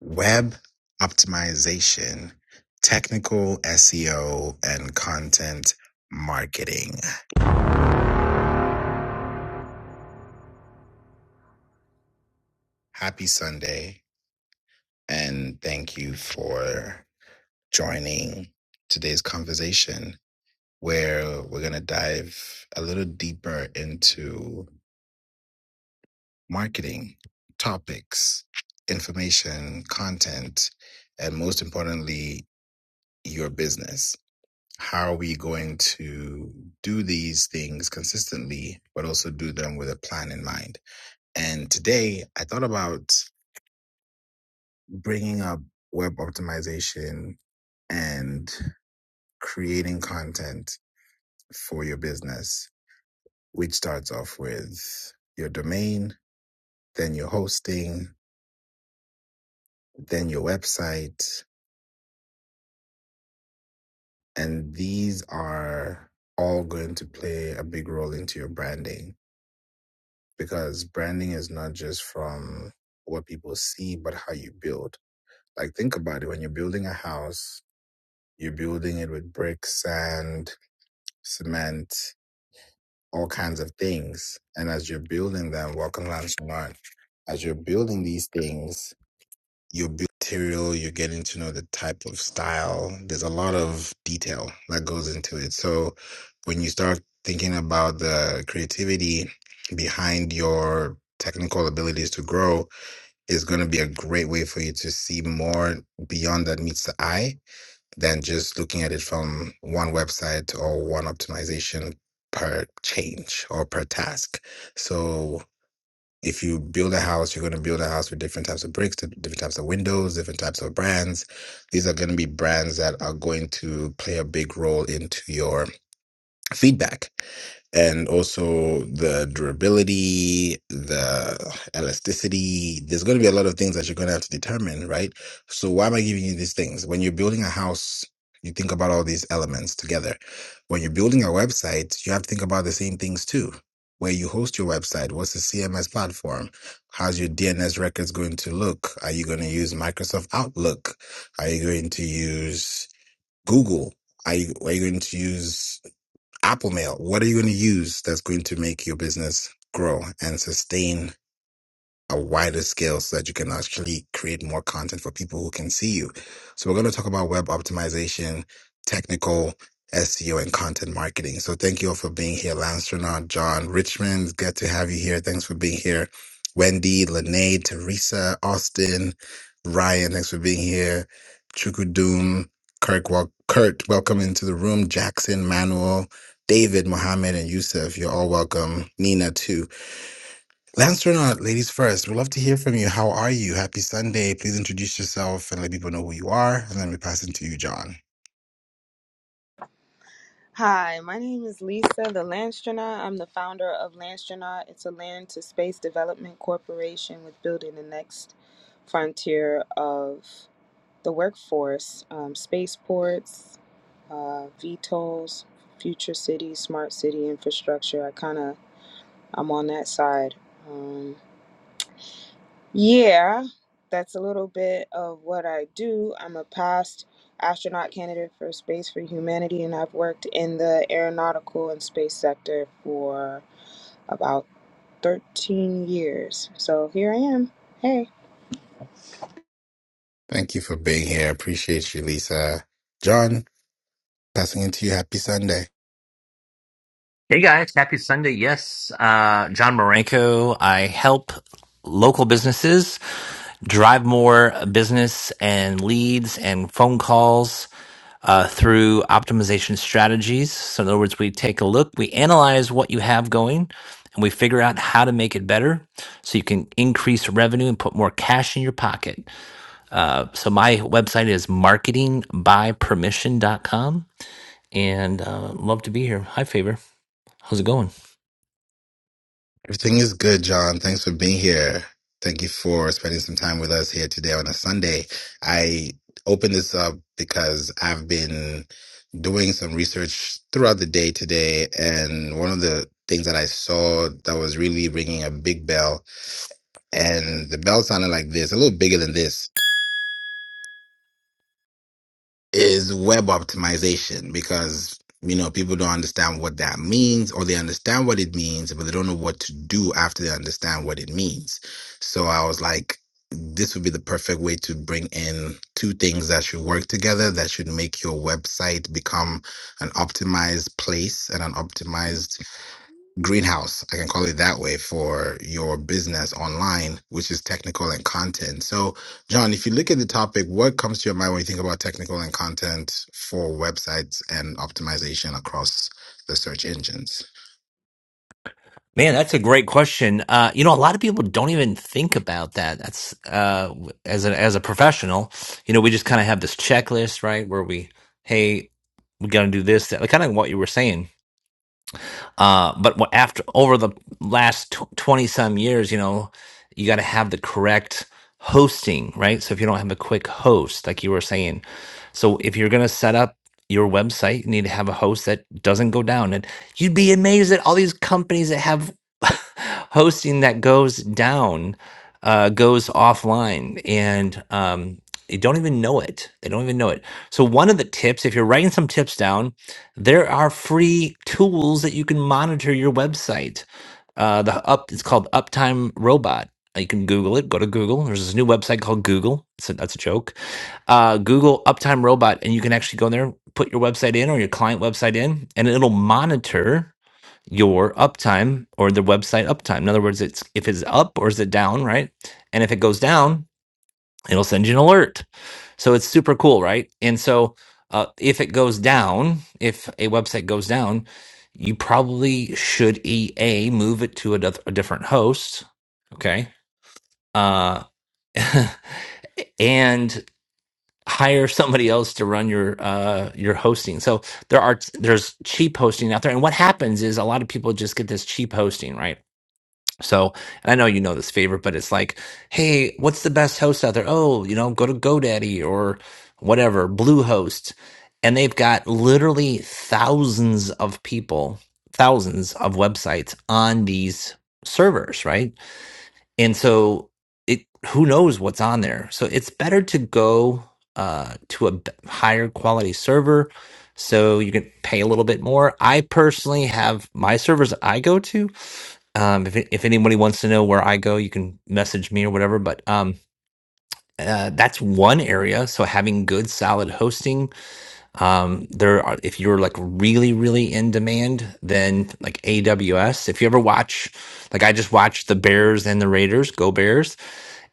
web optimization, technical SEO, and content marketing. Happy Sunday, and thank you for joining today's conversation where we're going to dive a little deeper into marketing topics, information, content, and most importantly, your business. How are we going to do these things consistently, but also do them with a plan in mind? And today I thought about bringing up web optimization and creating content for your business, which starts off with your domain, then your hosting, then your website. And these are all going to play a big role into your branding because branding is not just from what people see, but how you build. Like, think about it when you're building a house, you're building it with bricks, sand, cement, all kinds of things. And as you're building them, welcome, Lance Learn. As you're building these things, you're building material, you're getting to know the type of style. There's a lot of detail that goes into it. So, when you start thinking about the creativity behind your technical abilities to grow, is going to be a great way for you to see more beyond that meets the eye than just looking at it from one website or one optimization per change or per task. So if you build a house, you're going to build a house with different types of bricks, different types of windows, different types of brands. These are going to be brands that are going to play a big role into your feedback and also the durability, the elasticity. There's going to be a lot of things that you're going to have to determine, right? So, why am I giving you these things? When you're building a house, you think about all these elements together. When you're building a website, you have to think about the same things too. Where you host your website, what's the CMS platform? How's your DNS records going to look? Are you going to use Microsoft Outlook? Are you going to use Google? Are you, are you going to use Apple Mail. What are you going to use that's going to make your business grow and sustain a wider scale so that you can actually create more content for people who can see you. So we're going to talk about web optimization, technical SEO and content marketing. So thank you all for being here. Lance Renaud, John Richmond, good to have you here. Thanks for being here. Wendy, Lene, Teresa, Austin, Ryan, thanks for being here. Chukudum, Kirk, wel- Kurt, welcome into the room. Jackson, Manuel, David, Mohammed, and Yusuf, you're all welcome. Nina, too. Lance Renaud, ladies first. We'd love to hear from you. How are you? Happy Sunday. Please introduce yourself and let people know who you are. And then we pass it to you, John. Hi, my name is Lisa, the Landstronaut. I'm the founder of Landstronaut. It's a land to space development corporation with building the next frontier of the workforce, um, spaceports, uh, VTOLs, future cities, smart city infrastructure. I kind of I'm on that side. Um, yeah, that's a little bit of what I do. I'm a past astronaut candidate for Space for Humanity, and I've worked in the aeronautical and space sector for about 13 years. So here I am. Hey. Thank you for being here. Appreciate you, Lisa. John, passing it to you. Happy Sunday. Hey guys, happy Sunday. Yes, uh, John Marenko. I help local businesses drive more business and leads and phone calls uh, through optimization strategies. So, in other words, we take a look, we analyze what you have going, and we figure out how to make it better so you can increase revenue and put more cash in your pocket. Uh, so, my website is marketing by permission dot com, and uh, love to be here. Hi, Favor. How's it going? Everything is good, John. Thanks for being here. Thank you for spending some time with us here today on a Sunday. I opened this up because I've been doing some research throughout the day today. And one of the things that I saw that was really ringing a big bell and the bell sounded like this, a little bigger than this, is web optimization because you know people don't understand what that means or they understand what it means, but they don't know what to do after they understand what it means. So I was like, this would be the perfect way to bring in two things that should work together that should make your website become an optimized place and an optimized greenhouse i can call it that way for your business online which is technical and content so john if you look at the topic what comes to your mind when you think about technical and content for websites and optimization across the search engines Man, that's a great question. Uh, you know, a lot of people don't even think about that. That's uh, as a as a professional, you know, we just kind of have this checklist, right? Where we, hey, we got to do this, that, like kind of what you were saying. Uh, but wha- after over the last tw- twenty some years, you know, you got to have the correct hosting, right? So if you don't have a quick host, like you were saying, so if you're gonna set up your website, you need to have a host that doesn't go down, and you'd be amazed at all these companies that have hosting that goes down, uh, goes offline, and um, they don't even know it. They don't even know it. So one of the tips, if you're writing some tips down there are free tools that you can monitor your website. Uh, the up it's called Uptime Robot. Uh, You can Google it. Go to Google. There's this new website called Google. It's a, that's a joke. Uh, Google Uptime Robot, and you can actually go in there, put your website in or your client website in, and it'll monitor your uptime or the website uptime. In other words, it's if it's up or is it down, right? And if it goes down, it'll send you an alert so it's super cool, right? And so uh, if it goes down, if a website goes down, you probably should EA move it to a, doth- a different host, okay? Uh, and hire somebody else to run your uh your hosting. So there are there's cheap hosting out there and what happens is a lot of people just get this cheap hosting, right? So, and I know you know this favorite, but it's like, hey, what's the best host out there? Oh, you know, go to GoDaddy or whatever, Bluehost. And they've got literally thousands of people, thousands of websites on these servers, right? And so it who knows what's on there. So it's better to go uh, to a b- higher quality server so you can pay a little bit more. I personally have my servers I go to. Um, if it, if anybody wants to know where I go, you can message me or whatever. But um, uh, that's one area. So having good, solid hosting. Um, there are if you're like really, really in demand, then like AWS. If you ever watch, like I just watched the Bears and the Raiders, go Bears,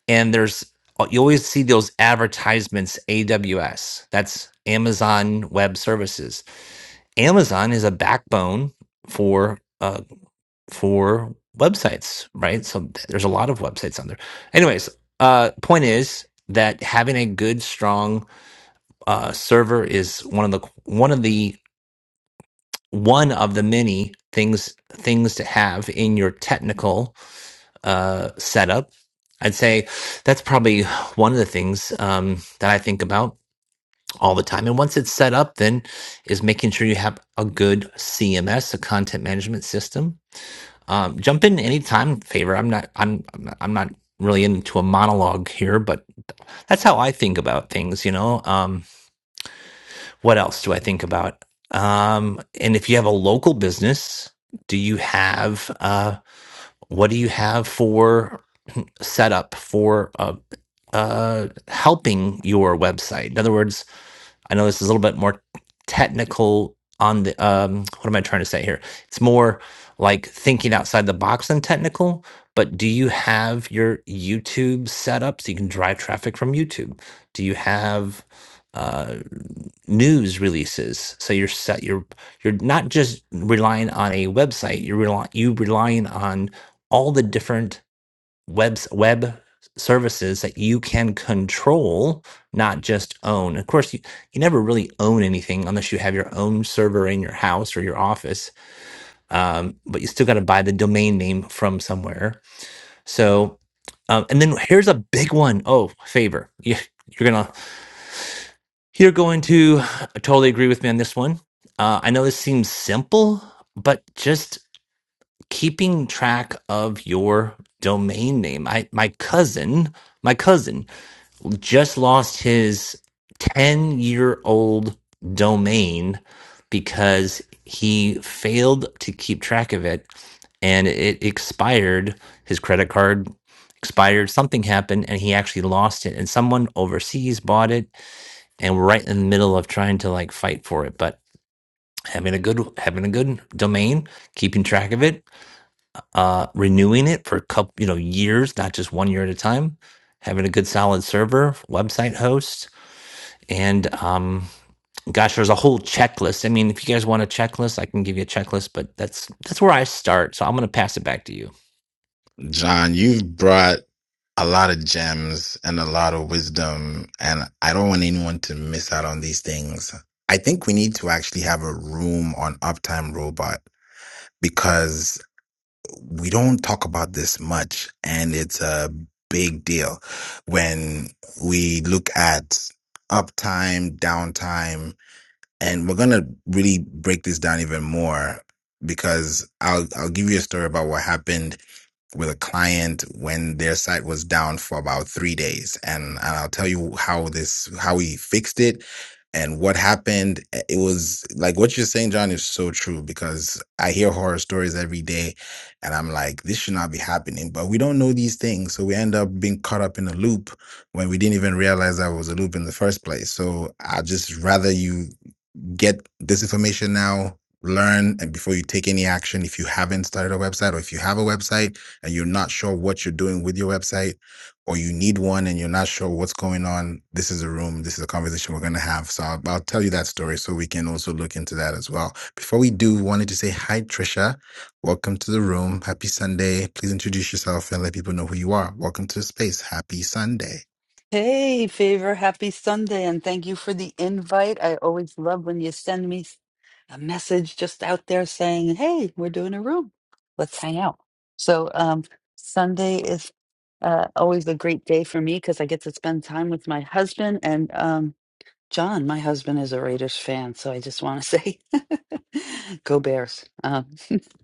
and there's uh, you always see those advertisements AWS. That's Amazon Web Services. Amazon is a backbone for. uh for websites, right? So th- there's a lot of websites on there. Anyways, uh, point is that having a good, strong uh, server is one of the one of the one of the many things things to have in your technical uh, setup. I'd say that's probably one of the things um, that I think about all the time. And once it's set up, then is making sure you have a good CMS, a content management system Um, jump in anytime, favor. I'm not. I'm. I'm not I'm not really into a monologue here, but that's how I think about things. You know. Um, what else do I think about? Um, and if you have a local business, do you have? Uh, what do you have for setup for uh, uh, helping your website? In other words, I know this is a little bit more technical on the um what am I trying to say here? It's more like thinking outside the box than technical, but do you have your YouTube set up so you can drive traffic from YouTube? Do you have uh news releases so you're set you're you're not just relying on a website you're relying you relying on all the different webs web services that you can control, not just own. Of course, you, you never really own anything unless you have your own server in your house or your office. Um, but you still got to buy the domain name from somewhere. So, um, and then here's a big one. Oh, favor. You, you're gonna you're going to totally agree with me on this one. Uh, I know this seems simple, but just keeping track of your domain name. I my cousin, my cousin just lost his 10 year old domain because he failed to keep track of it and it expired. His credit card expired, something happened, and he actually lost it. And someone overseas bought it, and we're right in the middle of trying to like fight for it. But having a good having a good domain, keeping track of it, uh, renewing it for a couple, you know, years, not just one year at a time. Having a good solid server, website host, and um, gosh, there's a whole checklist. I mean, if you guys want a checklist, I can give you a checklist, but that's that's where I start. So I'm going to pass it back to you. john you've brought a lot of gems and a lot of wisdom and i don't want anyone to miss out on these things i think we need to actually have a room on uptime robot because we don't talk about this much and it's a big deal when we look at uptime downtime and we're going to really break this down even more because I'll I'll give you a story about what happened with a client when their site was down for about three days and, and i'll tell you how this how we fixed it and what happened Eh, it was like what you're saying john is so true because i hear horror stories every day and i'm like this should not be happening but we don't know these things so we end up being caught up in a loop when we didn't even realize that was a loop in the first place so i just rather you get this information now learn and before you take any action if you haven't started a website or if you have a website and you're not sure what you're doing with your website or you need one and you're not sure what's going on this is a room this is a conversation we're going to have so I'll, I'll tell you that story so we can also look into that as well before we do wanted to say hi trisha welcome to the room happy sunday please introduce yourself and let people know who you are welcome to the space happy sunday Hey, Favor, happy Sunday, and thank you for the invite. I always love when you send me s- a message just out there saying, Hey, we're doing a room. Let's hang out. So, um, Sunday is uh, always a great day for me because I get to spend time with my husband. And um, John, my husband, is a Raiders fan. So I just want to say, Go Bears. Um,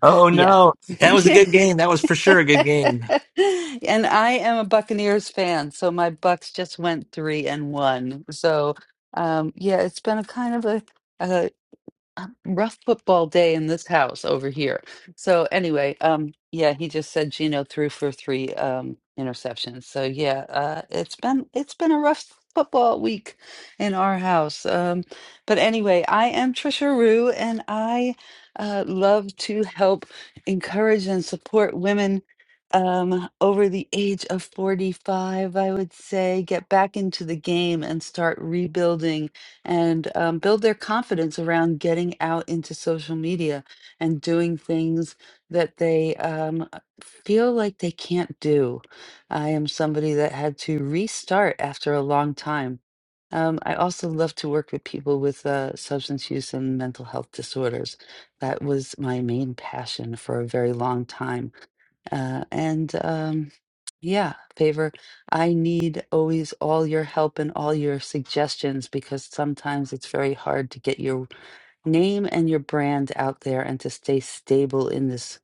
Oh yeah. no, that was a good game. That was for sure a good game. And I am a Buccaneers fan, so my Bucks just went three and one. So, um, yeah, it's been a kind of a, rough football day in this house over here. So anyway, um, yeah, he just said Gino threw for three um interceptions. So yeah, uh, it's been it's been a rough football week in our house. Um, but anyway, I am Trisha Rue, and I uh, love to help encourage and support women. Um, over the age of 45, I would say, get back into the game and start rebuilding and um, build their confidence around getting out into social media and doing things that they um, uh, feel like they can't do. I am somebody that had to restart after a long time. Um, I also love to work with people with uh, substance use and mental health disorders. That was my main passion for a very long time uh, and um, yeah, favor, I need always all your help and all your suggestions because sometimes it's very hard to get your name and your brand out there and to stay stable in this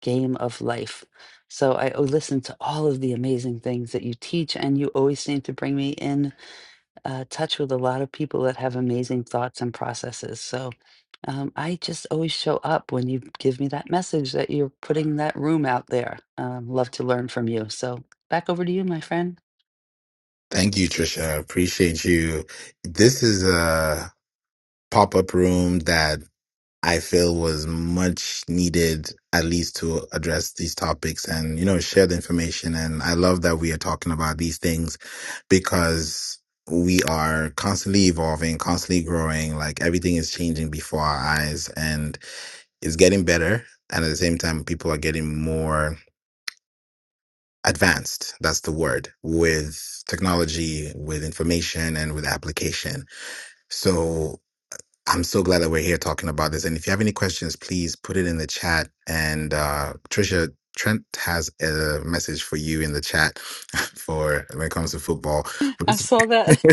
game of life. So I o- listen to all of the amazing things that you teach, and you always seem to bring me in uh, touch with a lot of people that have amazing thoughts and processes. So um, I just always show up when you give me that message that you're putting that room out there. Um, love to learn from you. So back over to you, my friend. thank you trisha appreciate you this is a. pop up room that I feel was much needed, at least to address these topics and, you know, share the information. And I love that we are talking about these things because we are constantly evolving, constantly growing. Like everything is changing before our eyes and it's getting better. And at the same time, people are getting more advanced. That's the word with technology, with information, and with application. So I'm so glad that we're here talking about this. And if you have any questions, please put it in the chat. And uh, Trisha, Trent has a message for you in the chat for when it comes to football. But I it's- saw that.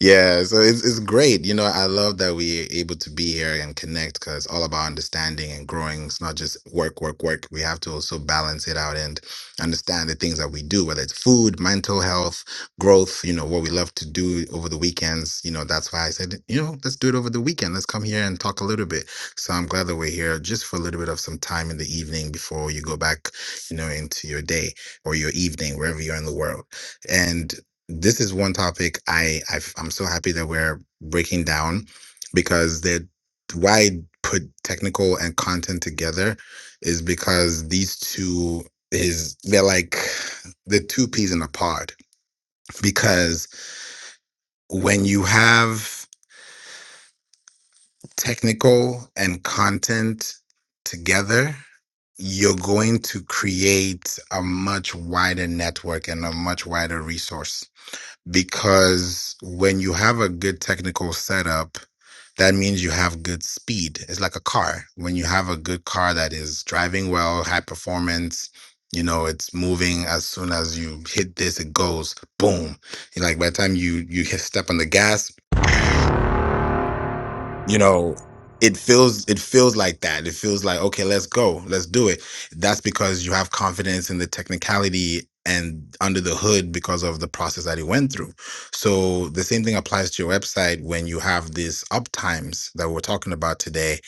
yeah, so it's it's great. You know, I love that we're able to be here and connect because it's all about understanding and growing. It's not just work, work, work. We have to also balance it out and understand the things that we do, whether it's food, mental health, growth, you know, what we love to do over the weekends. You know, that's why I said, you know, let's do it over the weekend. Let's come here and talk a little bit. So I'm glad that we're here just for a little bit of some time in the evening before you go back, you know, into your day or your evening, wherever you're in the world. And this is one topic I I've, I'm so happy that we're breaking down because that why put technical and content together is because these two is they're like the two peas in a pod because when you have technical and content together, you're going to create a much wider network and a much wider resource. Because when you have a good technical setup, that means you have good speed. It's like a car. When you have a good car that is driving well, high performance, you know, it's moving as soon as you hit this, it goes boom. You're Like by the time you you hit step on the gas, you know it feels it feels like that it feels like okay let's go let's do it that's because you have confidence in the technicality and under the hood because of the process that it went through so the same thing applies to your website when you have these uptimes that we're talking about today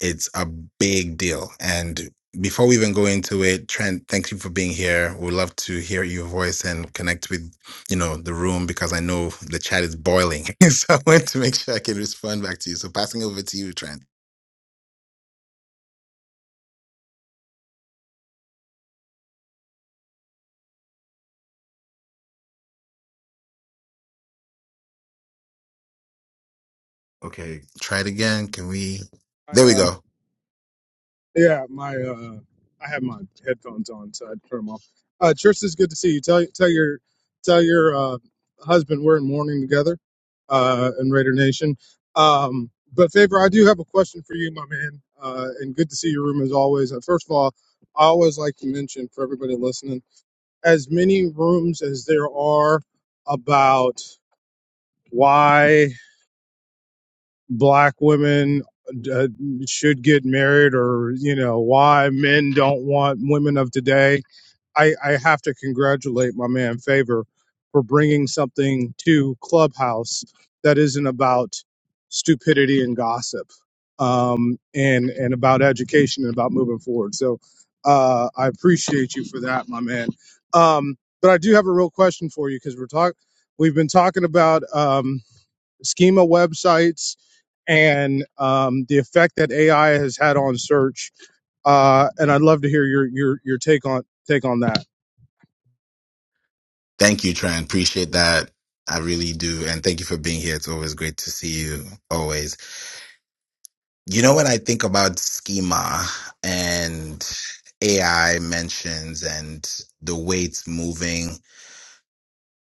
it's a big deal and before we even go into it trent thank you for being here we'd love to hear your voice and connect with you know the room because I know the chat is boiling. so I want to make sure I can respond back to you. So passing over to you, Trent. Okay, try it again. Can we? My There we uh, go. yeah, my uh, I have my headphones on, so I had to turn them off. Uh, Trish, it's good to see you. Tell tell your tell your uh, husband we're in mourning together, uh, in Raider Nation. Um, but favor, I do have a question for you, my man. Uh, and good to see your room as always. Uh, first of all, I always like to mention for everybody listening, as many rooms as there are about why. black women uh, should get married or you know why men don't want women of today I, I have to congratulate my man favor for bringing something to clubhouse that isn't about stupidity and gossip um, and and about education and about moving forward so uh, i appreciate you for that my man um, but i do have a real question for you because we're talk, we've been talking about Um, schema websites and um, the effect that AI has had on search. Uh, and I'd love to hear your your your take on take on that. Thank you, Trent. Appreciate that. I really do, and thank you for being here. It's always great to see you. Always. You know when I think about schema and AI mentions and the way it's moving.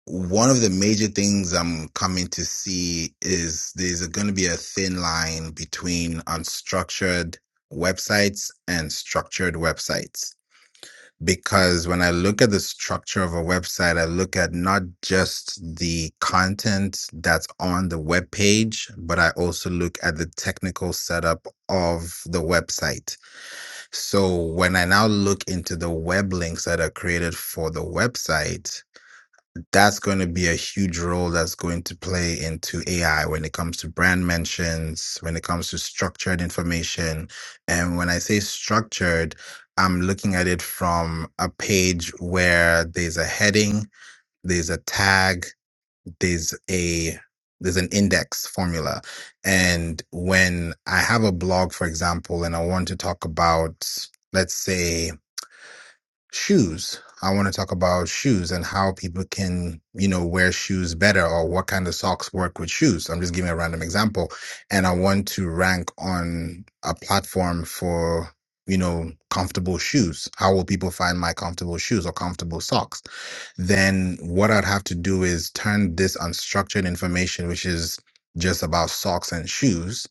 one of the major things I'm coming to see is there's going to be a thin line between unstructured websites and structured websites. Because when I look at the structure of a website, I look at not just the content that's on the web page, but I also look at the technical setup of the website. So when I now look into the web links that are created for the website, that's going to be a huge role that's going to play into AI when it comes to brand mentions, when it comes to structured information. And when I say structured, I'm looking at it from a page where there's a heading, there's a tag, there's a there's an index formula. And when I have a blog, for example, and I want to talk about, let's say, shoes. I want to talk about shoes and how people can, you know, wear shoes better or what kind of socks work with shoes. I'm just giving a random example. And I want to rank on a platform for, you know, comfortable shoes. How will people find my comfortable shoes or comfortable socks? Then what I'd have to do is turn this unstructured information, which is just about socks and shoes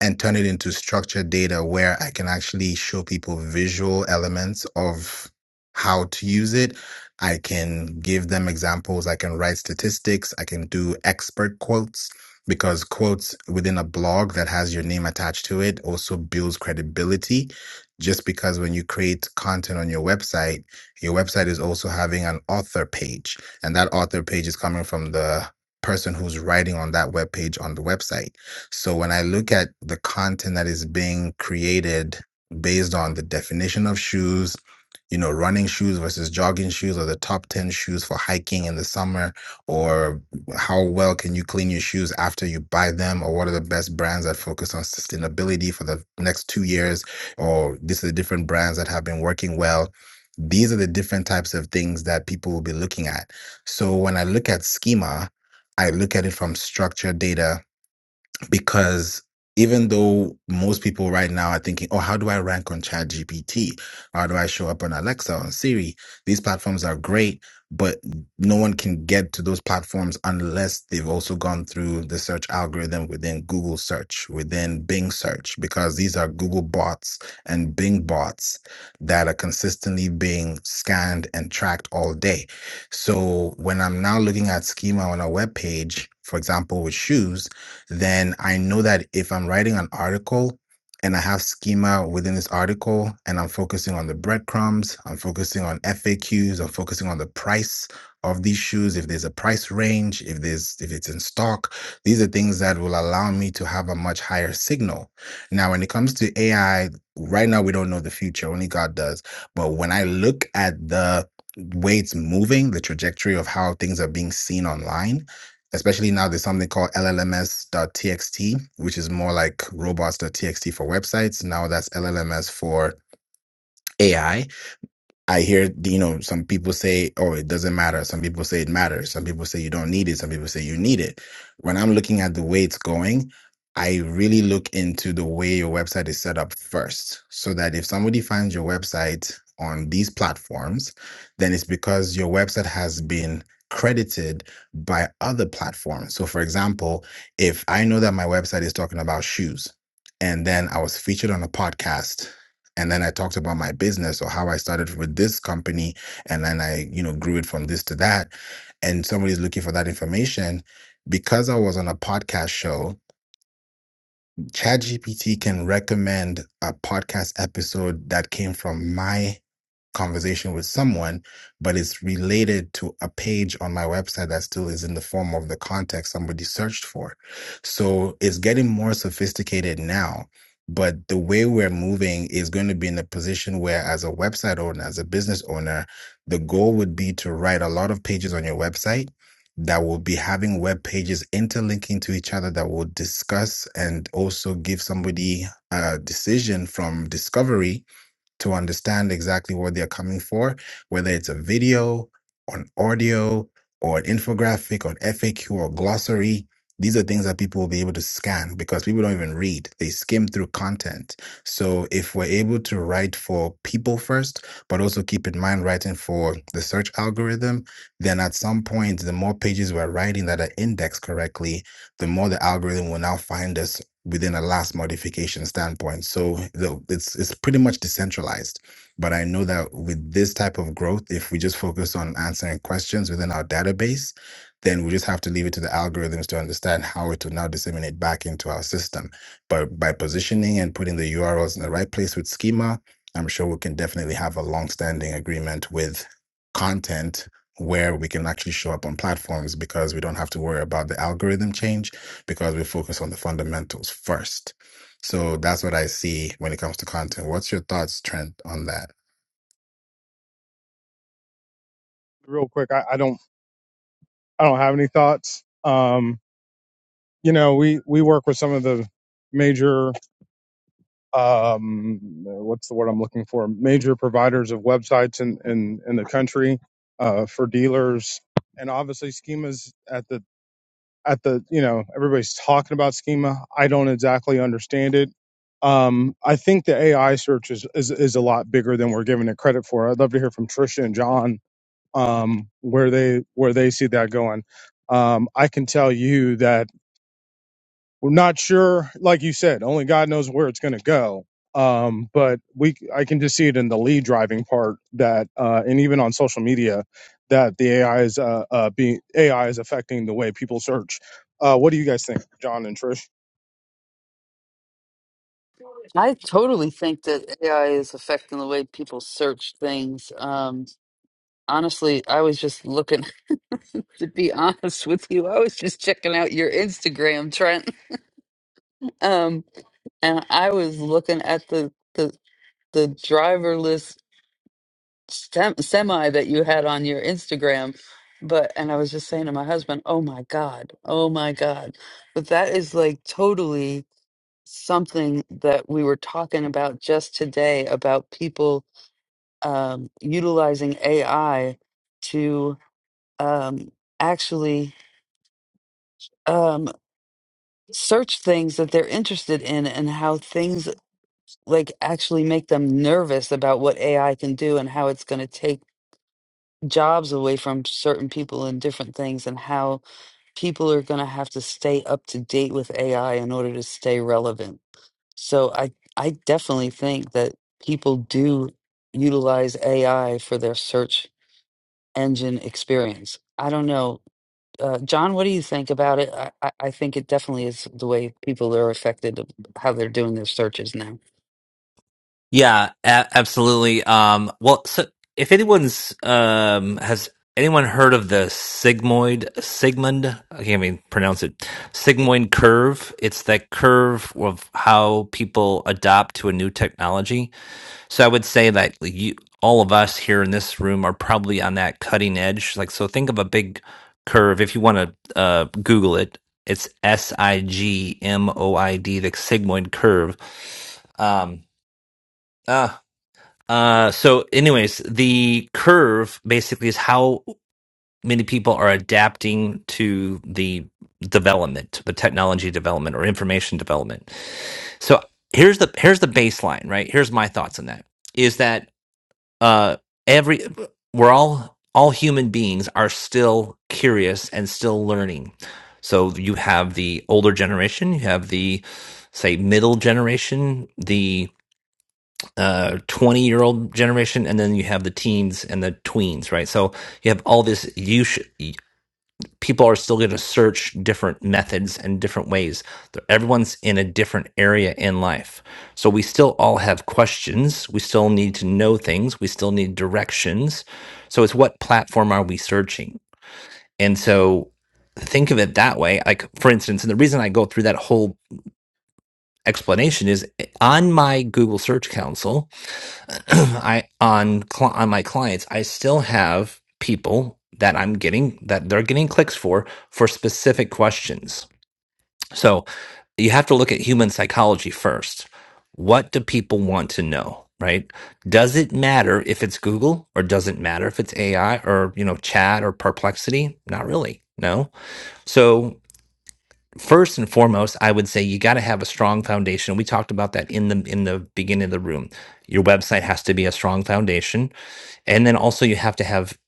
and turn it into structured data where I can actually show people visual elements of how to use it. I can give them examples. I can write statistics. I can do expert quotes because quotes within a blog that has your name attached to it also builds credibility. Just because when you create content on your website, your website is also having an author page, and that author page is coming from the person who's writing on that web page on the website. So when I look at the content that is being created based on the definition of shoes, you know, running shoes versus jogging shoes or the top 10 shoes for hiking in the summer, or how well can you clean your shoes after you buy them, or what are the best brands that focus on sustainability for the next two years, or these are the different brands that have been working well. These are the different types of things that people will be looking at. So when I look at schema, I look at it from structured data because even though most people right now are thinking, oh, how do I rank on ChatGPT? How do I show up on Alexa, on Siri? These platforms are great, but no one can get to those platforms unless they've also gone through the search algorithm within Google search, within Bing search, because these are Google bots and Bing bots that are consistently being scanned and tracked all day. So when I'm now looking at schema on a web page, for example, with shoes, then I know that if I'm writing an article and I have schema within this article and I'm focusing on the breadcrumbs, I'm focusing on FAQs, I'm focusing on the price of these shoes, if there's a price range, if there's if it's in stock, these are things that will allow me to have a much higher signal. Now, when it comes to AI, right now we don't know the future, only God does. But when I look at the way it's moving, the trajectory of how things are being seen online, especially now there's something called LLMs .txt, which is more like robots .txt for websites now that's llms for ai I hear, you know, some people say, oh, it doesn't matter. Some people say it matters. Some people say you don't need it. Some people say you need it. When I'm looking at the way it's going, I really look into the way your website is set up first. So that if somebody finds your website on these platforms, then it's because your website has been credited by other platforms. So, for example, if I know that my website is talking about shoes, and then I was featured on a podcast and then I talked about my business or how I started with this company and then I, you know, grew it from this to that. And somebody's looking for that information. Because I was on a podcast show, ChatGPT can recommend a podcast episode that came from my conversation with someone, but it's related to a page on my website that still is in the form of the contact somebody searched for. So it's getting more sophisticated now. But the way we're moving is going to be in a position where, as a website owner, as a business owner, the goal would be to write a lot of pages on your website that will be having web pages interlinking to each other that will discuss and also give somebody a decision from discovery to understand exactly what they're coming for, whether it's a video, an audio, or an infographic, or an FAQ, or glossary. These are things that people will be able to scan because people don't even read. They skim through content. So if we're able to write for people first, but also keep in mind writing for the search algorithm, then at some point, the more pages we're writing that are indexed correctly, the more the algorithm will now find us within a last modification standpoint. So it's it's pretty much decentralized. But I know that with this type of growth, if we just focus on answering questions within our database, then we just have to leave it to the algorithms to understand how it will now disseminate back into our system. But by positioning and putting the URLs in the right place with schema, I'm sure we can definitely have a long-standing agreement with content where we can actually show up on platforms because we don't have to worry about the algorithm change because we focus on the fundamentals first. So that's what I see when it comes to content. What's your thoughts, Trent, on that? Real quick, I, I don't I don't have any thoughts. Um, you know, we we work with some of the major um, what's the word I'm looking for? Major providers of websites in in, in the country uh, for dealers, and obviously schemas at the at the you know everybody's talking about schema. I don't exactly understand it. Um, I think the AI search is, is is a lot bigger than we're giving it credit for. I'd love to hear from Trisha and John um, where they where they see that going. Um, I can tell you that we're not sure like you said only god knows where it's going to go um but we i can just see it in the lead driving part that uh and even on social media that the ai is uh, uh being ai is affecting the way people search uh what do you guys think john and trish I totally think that AI is affecting the way people search things. Um, honestly, I was just looking, to be honest with you, I was just checking out your Instagram, Trent. Um, and I was looking at the, the, the driverless stem, semi that you had on your Instagram. But, and I was just saying to my husband, oh my God, oh my God. But that is like totally something that we were talking about just today about people um, utilizing AI to um, actually um, search things that they're interested in and how things like actually make them nervous about what AI can do and how it's going to take jobs away from certain people and different things and how people are going to have to stay up to date with AI in order to stay relevant. So I I definitely think that people do utilize AI for their search engine experience. I don't know. Uh, John, what do you think about it? I, I I think it definitely is the way people are affected of how they're doing their searches now. Yeah, a- absolutely. Um, well, so if anyone's um, has anyone heard of the sigmoid Sigmund? I can't even pronounce it. Sigmoid curve. It's that curve of how people adopt to a new technology. So I would say that you, all of us here in this room, are probably on that cutting edge. Like, so think of a big curve. If you want to uh, Google it, it's S I G M O I D, the sigmoid curve. Um, uh, uh, so, anyways, the curve basically is how many people are adapting to the development, the technology development or information development. So here's the here's the baseline, right? Here's my thoughts on that. Is that uh, every we're all all human beings are still curious and still learning. So you have the older generation, you have the say middle generation, uh 20 year old generation and then you have the teens and the tweens right so you have all this you people are still going to search different methods and different ways everyone's in a different area in life so we still all have questions we still need to know things we still need directions so it's what platform are we searching and so think of it that way like for instance and the reason i go through that whole explanation is eh, on my google search console I on cli on my clients, I still have people that I'm getting that they're getting clicks for for specific questions. So you have to look at human psychology first. What do people want to know, right? Does it matter if it's Google or does it matter if it's AI or, you know, chat or perplexity? Not really. No. So first and foremost, I would say you got to have a strong foundation. We talked about that in the in the beginning of the room. Your website has to be a strong foundation, and then also you have to have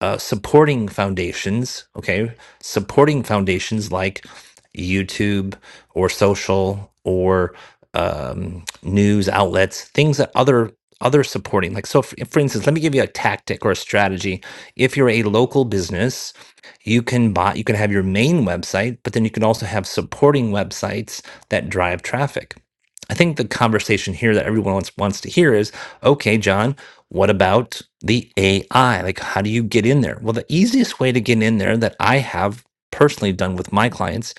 uh, supporting foundations. Okay, supporting foundations like YouTube or social or um, news outlets, things that other other supporting like so for, for instance let me give you a tactic or a strategy if you're a local business you can buy you can have your main website but then you can also have supporting websites that drive traffic i think the conversation here that everyone wants, wants to hear is okay john what about the ai like how do you get in there well the easiest way to get in there that i have personally done with my clients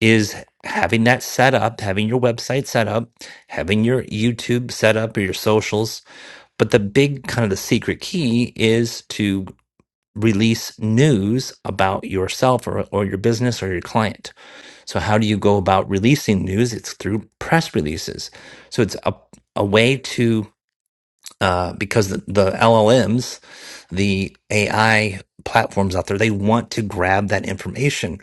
is having that set up having your website set up having your youtube set up or your socials but the big kind of the secret key is to release news about yourself or, or your business or your client. So, how do you go about releasing news? It's through press releases. So, it's a, a way to, uh, because the, the LLMs, the AI platforms out there, they want to grab that information.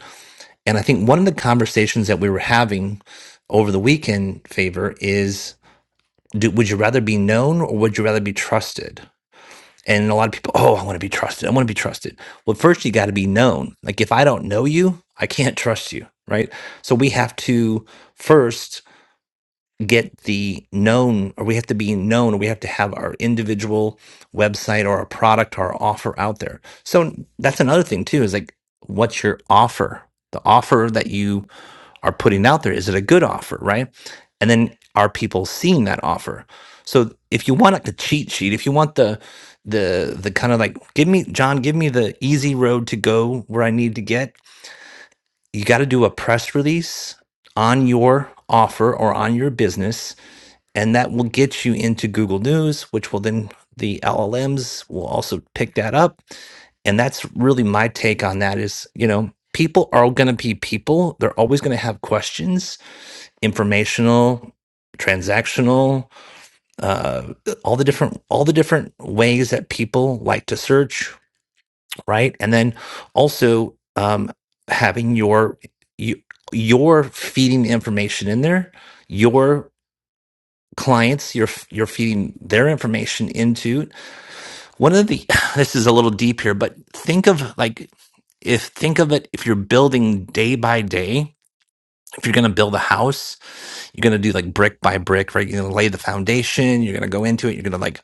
And I think one of the conversations that we were having over the weekend, Favor, is do, would you rather be known or would you rather be trusted? And a lot of people, oh, I want to be trusted. I want to be trusted. Well, first you got to be known. Like if I don't know you, I can't trust you, right? So we have to first get the known, or we have to be known, or we have to have our individual website or our product or our offer out there. So that's another thing too, is like what's your offer? The offer that you are putting out there? Is it a good offer, right? And then are people seeing that offer? So if you want like the cheat sheet, if you want the the the kind of like give me John, give me the easy road to go where I need to get, you got to do a press release on your offer or on your business and that will get you into Google News, which will then the LLMs will also pick that up and that's really my take on that is you know people are going to be people they're always going to have questions informational transactional uh all the different all the different ways that people like to search right and then also um having your you, you're feeding the information in there your clients you're you're feeding their information into one of the this is a little deep here but think of like if think of it if you're building day by day if you're going to build a house You're going to do like brick by brick, right? You're going to lay the foundation. You're going to go into it. You're going to like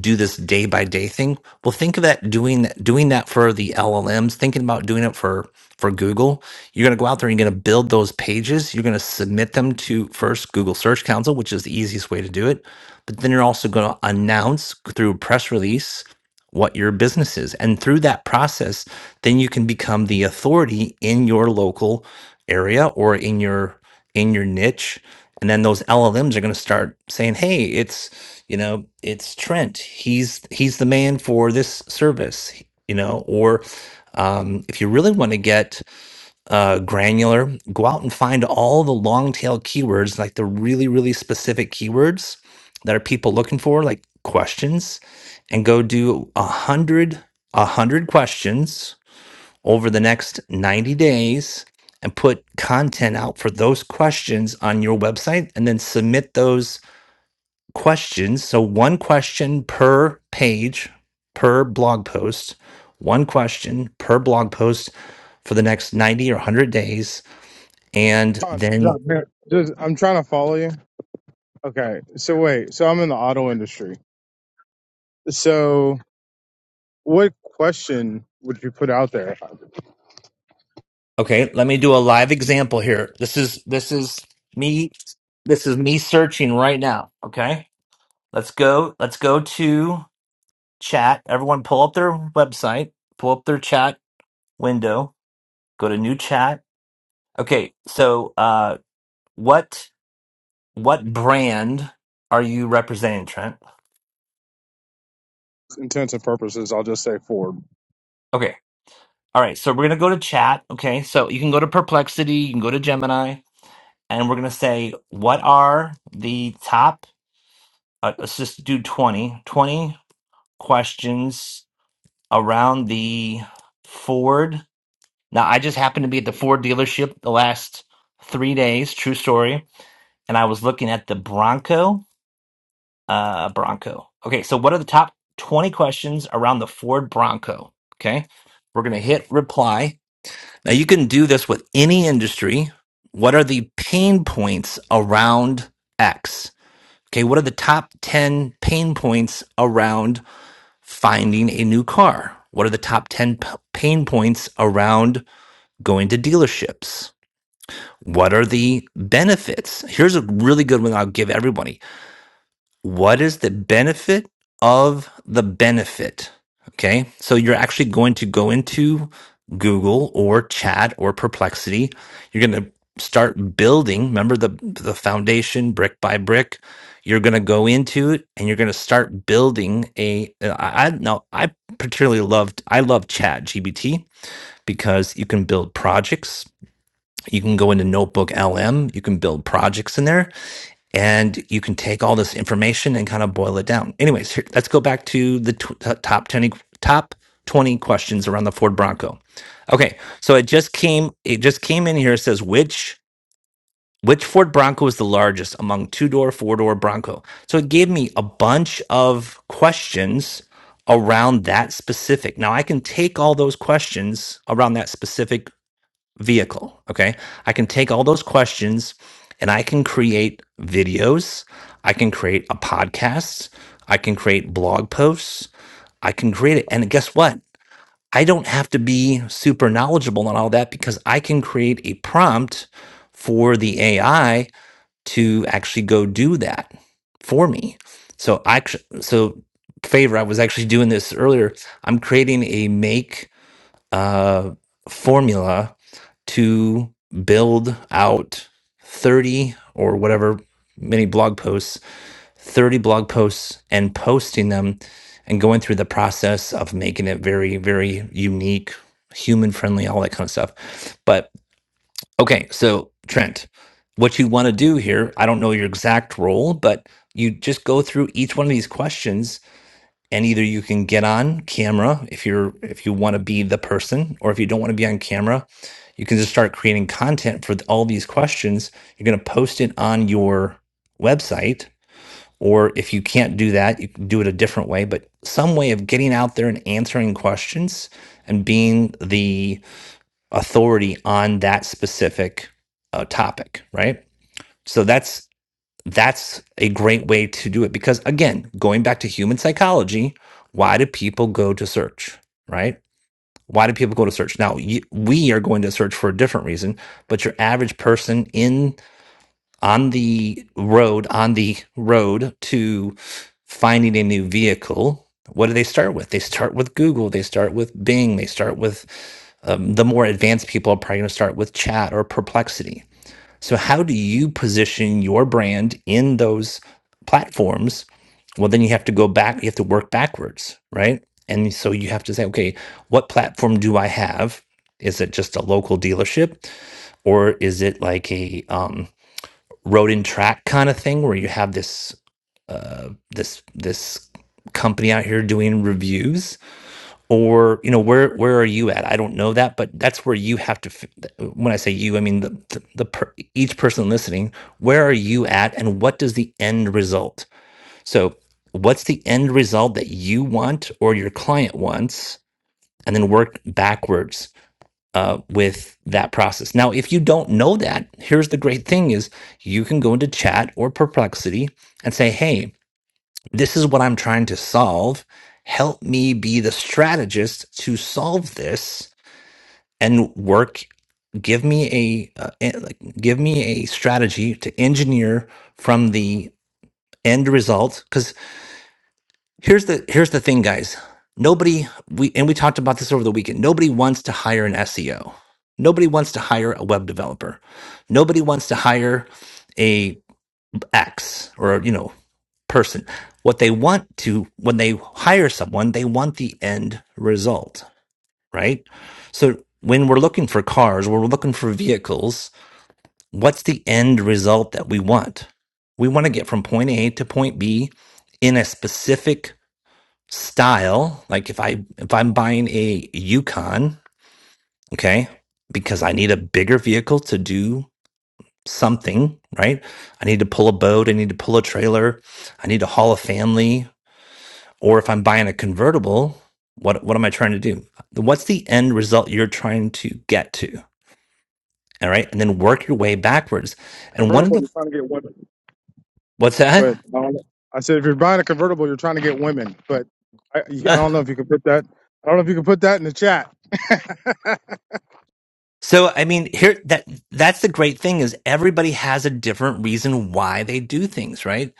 do this day by day thing. Well, think of that doing doing that for the LLMs, thinking about doing it for for Google. You're going to go out there and you're going to build those pages. You're going to submit them to first Google Search Council, which is the easiest way to do it. But then you're also going to announce through press release what your business is. And through that process, then you can become the authority in your local area or in your in your niche. And then those LLMs are going to start saying, "Hey, it's you know, it's Trent. He's he's the man for this service, you know." Or um, if you really want to get uh, granular, go out and find all the long tail keywords, like the really, really specific keywords that are people looking for, like questions, and go do a hundred, a hundred questions over the next 90 days and put content out for those questions on your website and then submit those questions. So one question per page, per blog post, one question per blog post for the next 90 or 100 days and john, john then here, just, i'm trying to follow you okay so wait so i'm in the auto industry so what question would you put out there okay let me do a live example here this is this is me this is me searching right now okay let's go let's go to chat everyone pull up their website pull up their chat window go to new chat okay so uh what what brand are you representing trent intents and purposes i'll just say ford okay all right so we're gonna go to chat okay so you can go to perplexity you can go to gemini and we're gonna say what are the top uh, let's just do 20 20 questions around the ford now i just happened to be at the ford dealership the last three days true story and i was looking at the bronco uh bronco okay so what are the top 20 questions around the ford bronco okay we're gonna hit reply now you can do this with any industry what are the pain points around x okay what are the top 10 pain points around finding a new car? What are the top 10 p- pain points around going to dealerships? What are the benefits? Here's a really good one I'll give everybody what is the benefit of the benefit? Okay. So you're actually going to go into Google or chat or perplexity. You're going to start building. Remember the, the foundation brick by brick. You're going to go into it and you're going to start building a, I, I now I particularly loved, I love chat GBT because you can build projects. You can go into notebook LM. You can build projects in there and you can take all this information and kind of boil it down. Anyways, here, let's go back to the t- top 20 top 20 questions around the Ford Bronco. Okay, so it just came it just came in here it says which which Ford Bronco is the largest among two-door, four-door Bronco. So it gave me a bunch of questions around that specific. Now I can take all those questions around that specific vehicle. Okay. I can take all those questions and I can create videos. I can create a podcast. I can create blog posts. I can create it. And guess what? I don't have to be super knowledgeable on all that because I can create a prompt for the AI to actually go do that for me. So I actu- so favor I was actually doing this earlier. I'm creating a make uh formula to build out 30 or whatever many blog posts, 30 blog posts and posting them and going through the process of making it very, very unique, human friendly, all that kind of stuff. But okay, so Trent, what you want to do here, I don't know your exact role, but you just go through each one of these questions and either you can get on camera if you're if you want to be the person or if you don't want to be on camera you can just start creating content for all these questions you're going to post it on your website or if you can't do that you can do it a different way but some way of getting out there and answering questions and being the authority on that specific uh, topic right so that's that's a great way to do it because again going back to human psychology why do people go to search right why do people go to search now you, we are going to search for a different reason but your average person in on the road on the road to finding a new vehicle what do they start with they start with google they start with bing they start with um, the more advanced people are probably going to start with chat or perplexity so, how do you position your brand in those platforms? Well, then you have to go back, you have to work backwards, right? And so you have to say, okay, what platform do I have? Is it just a local dealership or is it like a um, road and track kind of thing where you have this this this company out here doing reviews or you know where where are you at i don't know that but that's where you have to f- when i say you i mean the, the, the per, each person listening where are you at and what does the end result so what's the end result that you want or your client wants and then work backwards uh, with that process now if you don't know that here's the great thing is you can go into chat or perplexity and say hey this is what I'm trying to solve. Help me be the strategist to solve this and work. Give me a uh, en- like, give me a strategy to engineer from the end result. Because here's the here's the thing, guys. Nobody we and we talked about this over the weekend. Nobody wants to hire an SEO. Nobody wants to hire a web developer. Nobody wants to hire a X or you know person. What they want to, when they hire someone, they want the end result, right? So when we're looking for cars, we're looking for vehicles. What's the end result that we want? We want to get from point A to point B in a specific style. Like if I, if I'm buying a Yukon, okay, because I need a bigger vehicle to do something, right? I need to pull a boat. I need to pull a trailer. I need to haul a family Or if I'm buying a convertible, what what am I trying to do? What's the end result you're trying to get to? All right, and then work your way backwards. And one of convertible the you're trying to get one? what's that? But um, I said, if you're buying a convertible, you're trying to get women. But I, I don't know if you could put that. I don't know if you could put that in the chat. so I mean, here that that's the great thing is everybody has a different reason why they do things, right?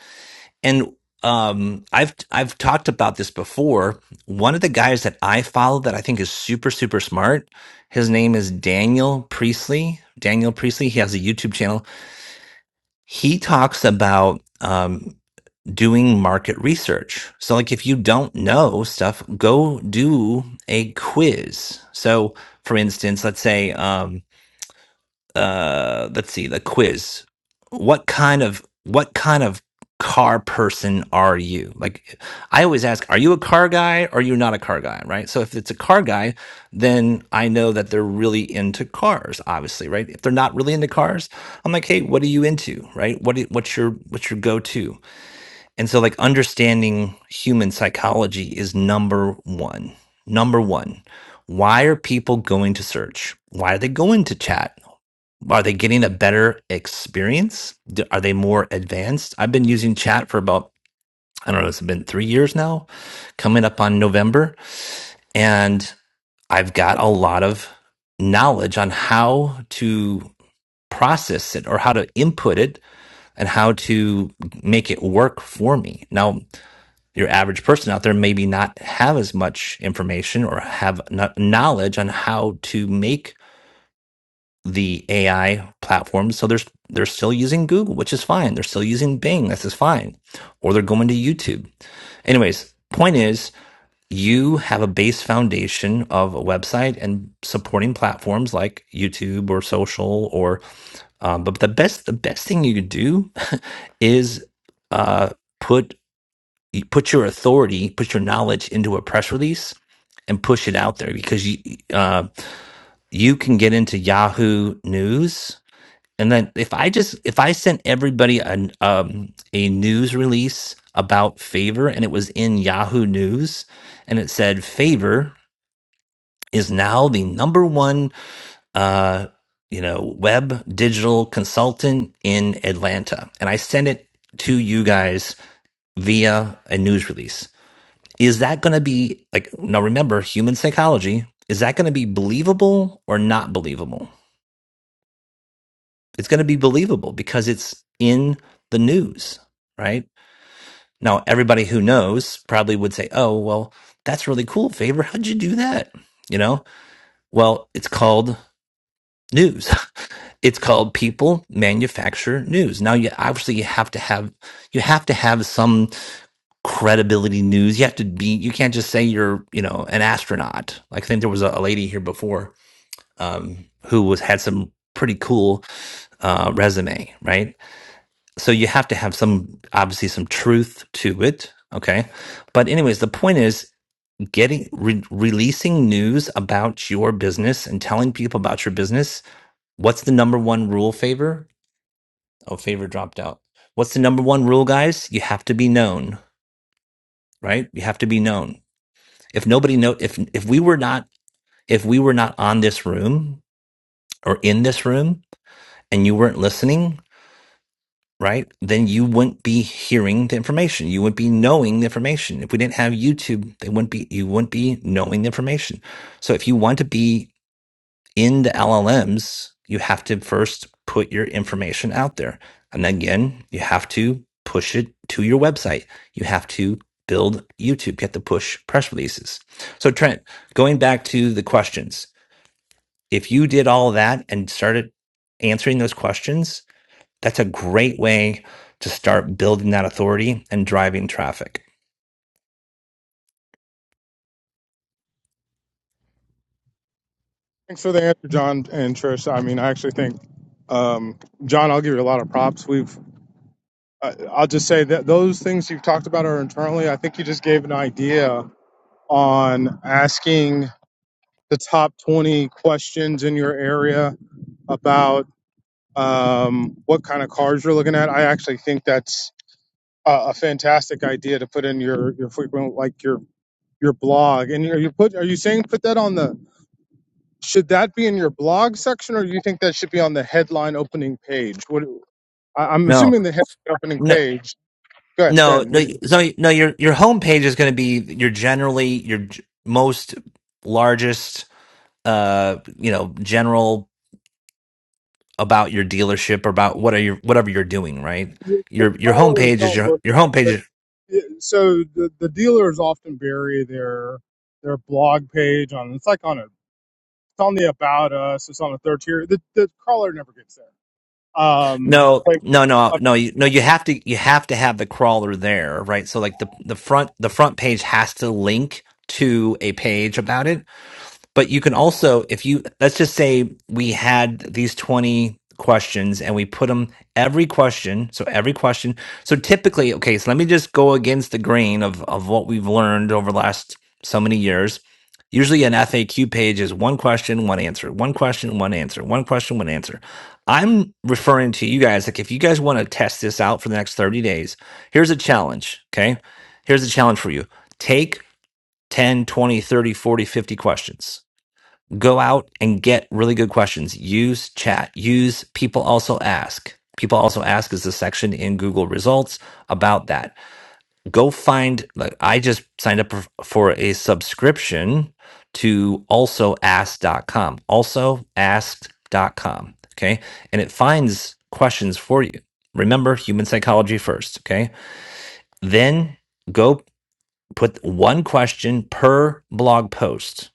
And um, I've I've talked about this before. One of the guys that I follow that I think is super super smart his name is Daniel Priestley. Daniel Priestley. He has a YouTube channel. he talks about um, doing market research. So, like, if you don't know stuff, go do a quiz. So, for instance, let's say, um, uh let's see the quiz what kind of what kind of car person are you like i always ask are you a car guy or are you not a car guy right so if it's a car guy then i know that they're really into cars obviously right if they're not really into cars i'm like hey what are you into right what do, what's your what's your go-to and so like understanding human psychology is number one number one why are people going to search why are they going to chat are they getting a better experience? Do- Are they more advanced? I've been using chat for about, I don't know, it's been three years now, coming up on November. And I've got a lot of knowledge on how to process it or how to input it and how to make it work for me. Now, your average person out there maybe not have as much information or have not knowledge on how to make the AI platforms. So there's they're still using Google, which is fine. They're still using Bing, this is fine. Or they're going to YouTube. Anyways, point is you have a base foundation of a website and supporting platforms like YouTube or social or um, but the best the best thing you could do is uh, put put your authority, put your knowledge into a press release and push it out there because you uh, you can get into Yahoo News and then if I just if I sent everybody an um, a news release about Favor and it was in Yahoo News and it said Favor is now the number one uh, you know web digital consultant in Atlanta, and I sent it to you guys via a news release. Is that going to be like now? Remember, human psychology. Is that going to be believable or not believable? it's going to be believable because it's in the news, right? Now, everybody who knows probably would say, oh, well, that's really cool, Favor. How'd you do that? You know, well, it's called news. It's called people manufacture news. Now, you obviously you have to have you have to have some credibility news. You have to be you can't just say you're you know an astronaut. Like I think there was a, a lady here before um, who was had some pretty cool uh, resume, right? so you have to have some obviously some truth to it okay but anyways the point is getting re- releasing news about your business and telling people about your business what's the number one rule favor oh favor dropped out what's the number one rule guys you have to be known right you have to be known if nobody know if if we were not if we were not on this room or in this room and you weren't listening right? Then you wouldn't be hearing the information. You wouldn't be knowing the information. If we didn't have YouTube, they wouldn't be you wouldn't be knowing the information. So if you want to be in the LLMs, you have to first put your information out there. And again, you have to push it to your website. You have to build YouTube. You have to push press releases. So Trent, going back to the questions, if you did all that and started answering those questions, that's a great way to start building that authority and driving traffic. Thanks for the answer, John and Trish. I mean, I actually think, um, John, I'll give you a lot of props. We've, uh, I'll just say that those things you've talked about are internally. I think you just gave an idea on asking the top 20 questions in your area about um, what kind of cars you're looking at. I actually think that's uh, a fantastic idea to put in your your frequent like your your blog. And are you put are you saying put that on the should that be in your blog section or do you think that should be on the headline opening page? What I, I'm No, assuming the headline opening no, page. Good, no, good. no. So, no, your your homepage is going to be your generally your g- most largest, uh, you know, general about your dealership or about what are your whatever you're doing, right? The, the Your your crawlers homepage is don't your look your at homepage. the, Is, so the the dealers often bury their their blog page on it's like on a it's on the about us it's on the third tier the, the crawler never gets there um no, like no, no, I no, you, no. You have to you have to have the crawler there, right? So like the the front the front page has to link to a page about it but you can also if you let's just say we had these 20 questions and we put them every question so every question so typically okay so let me just go against the grain of of what we've learned over the last so many years usually an faq page is one question one answer one question one answer one question one answer i'm referring to you guys like if you guys want to test this out for the next 30 days here's a challenge okay here's a challenge for you take 10, 20, 30, 40, 50 questions Go out and get really good questions. Use chat. Use people also ask. People also ask is a section in Google results about that. Go find, like, I just signed up for for a subscription to also Also ask dot com. also asked dot com. Okay. And it finds questions for you. Remember human psychology first. Okay. Then go put one question per blog post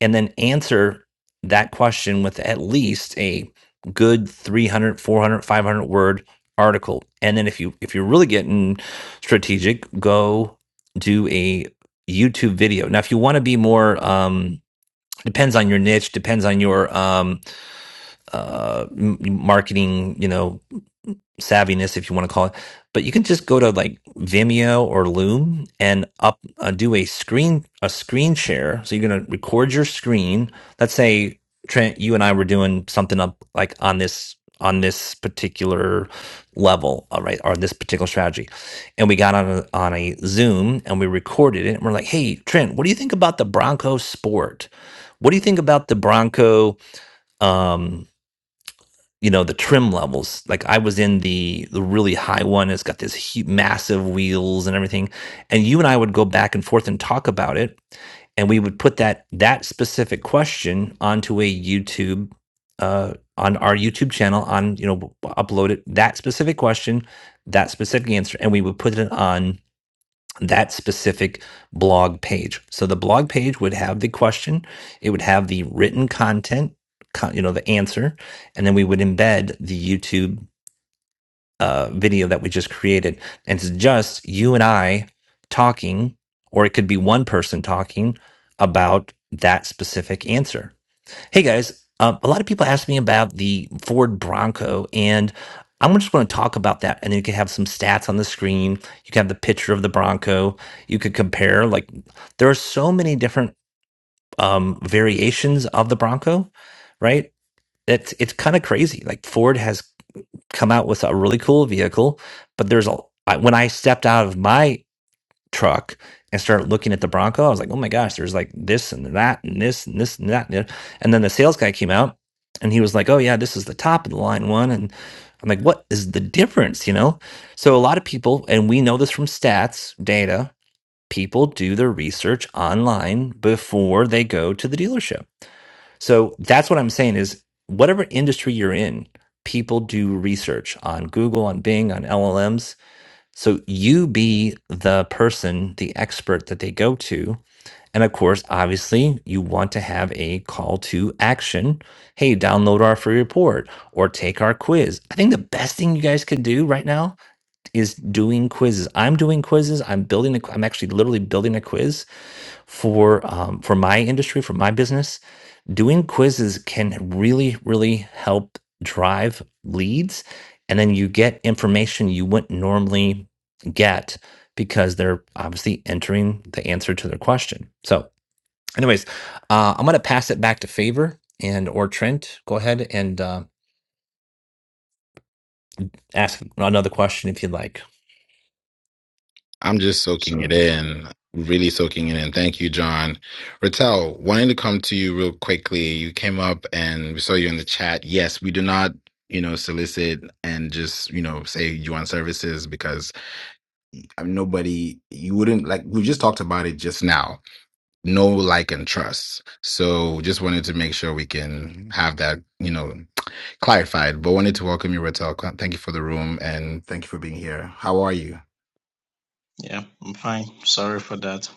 and then answer that question with at least a good 300, 400, 500 word article and then if you if you're really getting strategic go do a youtube video now if you want to be more um depends on your niche depends on your um uh marketing you know savviness, if you want to call it. But you can just go to like Vimeo or Loom and up uh, do a screen a screen share. So you're going to record your screen. Let's say Trent, you and I were doing something up like on this on this particular level, all right, or this particular strategy, and we got on a, on a Zoom and we recorded it. And we're like, hey, Trent, what do you think about the Bronco sport? What do you think about the Bronco? Um, you know the trim levels like i was in the the really high one it's got this hu massive wheels and everything and you and i would go back and forth and talk about it and we would put that that specific question onto a youtube uh, on our youtube channel on you know upload it that specific question that specific answer and we would put it on that specific blog page. So the blog page would have the question, it would have the written content, con- you know, the answer, and then we would embed the YouTube uh, video that we just created. And it's just you and I talking, or it could be one person talking about that specific answer. Hey guys, um, a lot of people ask me about the Ford Bronco, and I'm just going to talk about that. And you can have some stats on the screen. You can have the picture of the Bronco. You could compare. Like there are so many different um, variations of the Bronco, right? It's it's kind of crazy. Like Ford has come out with a really cool vehicle, but there's a I- when I stepped out of my truck and started looking at the Bronco. I was like, oh my gosh, there's like this and that and this and this and that. And then the sales guy came out and he was like, oh yeah, this is the top of the line one. And I'm like, what is the difference? You know? So a lot of people, and we know this from stats, data, people do their research online before they go to the dealership. So that's what I'm saying is whatever industry you're in, people do research on Google, on Bing, on LLMs so you be the person, the expert that they go to. And of course, obviously, you want to have a call to action. Hey, download our free report or take our quiz. I think the best thing you guys could do right now is doing quizzes. I'm doing quizzes. I'm building. A, I'm actually literally building a quiz for um, for my industry, for my business doing quizzes can really, really help drive leads. And then you get information you wouldn't normally get because they're obviously entering the answer to their question. So, anyways, uh, I'm going to pass it back to Favor and or Trent. Go ahead and uh, ask another question if you'd like. I'm just soaking So it in, really soaking it in. Thank you, John. Rattel, wanting to come to you real quickly. You came up and we saw you in the chat. Yes, we do not, you know, solicit and just, you know, say you want services because I mean, nobody you wouldn't like we just talked about it just now no like and trust so just wanted to make sure we can have that you know clarified but wanted to welcome you Rotel thank you for the room and thank you for being here how are you yeah, I'm fine. Sorry for that.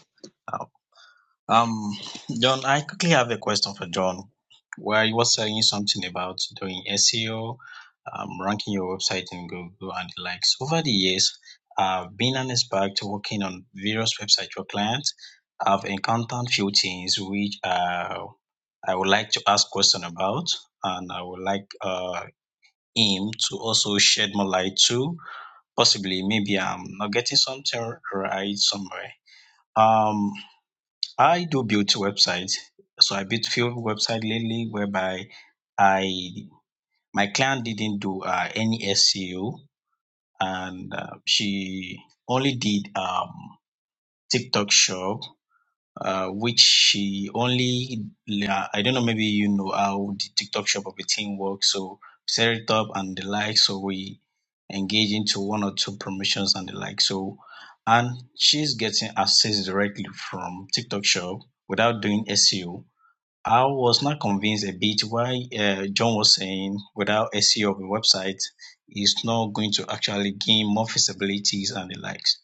Um, John, I quickly have a question for John. Where you were saying something about doing SEO, um, ranking your website in Google and the likes. Over the years, I've been an expert working on various websites for clients. I've encountered few things which uh, I would like to ask question about, and I would like uh, him to also shed more light to. possibly maybe I'm not getting something right somewhere. Um, I do build websites, so I built few website lately whereby I my client didn't do uh, any SEO and uh, she only did um, TikTok shop uh, which she only, yeah, I don't know, maybe you know how the TikTok shop of a team works. So set it up and the like. So we engage into one or two promotions and the like. So, and she's getting access directly from TikTok shop without doing SEO. I was not convinced a bit why uh, John was saying without SEO of a website is not going to actually gain more visibilities and the likes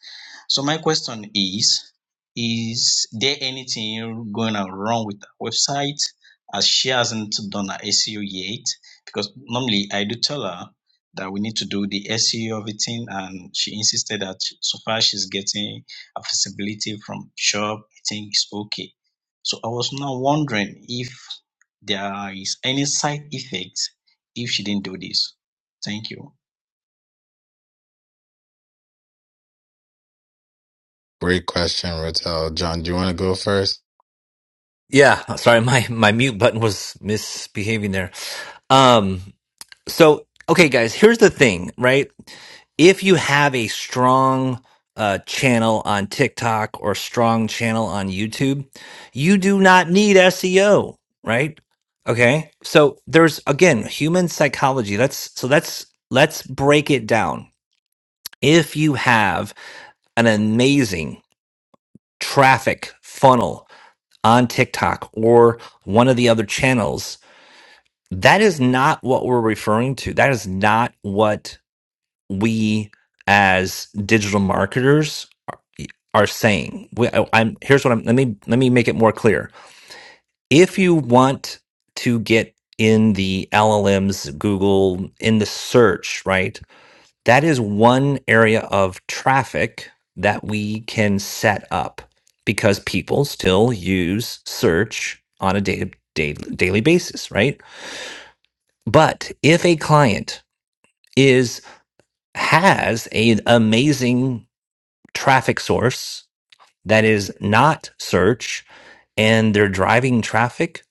so my question is, is there anything going on wrong with the website as she hasn't done her SEO yet? Because normally I do tell her that we need to do the SEO of it in, and she insisted that she- so far she's getting a visibility from shop, I think it's okay. So I was now wondering if there is any side effects if she didn't do this. Thank you. great question Rotel John do you want to go first Yeah, sorry, my my mute button was misbehaving there. Um, So, okay, guys, here's the thing, right? If you have a strong uh, channel on TikTok or strong channel on YouTube, you do not need SEO, right? Okay. So there's again human psychology. Let's so let's let's break it down. If you have an amazing traffic funnel on TikTok or one of the other channels, that is not what we're referring to. That is not what we as digital marketers are are saying. We, I- I'm here's what I'm. Let me let me make it more clear. If you want to get in the LLMs, Google, in the search, right? That is one area of traffic that we can set up because people still use search on a day, day, daily basis, right? But if a client is has an amazing traffic source that is not search and they're driving traffic,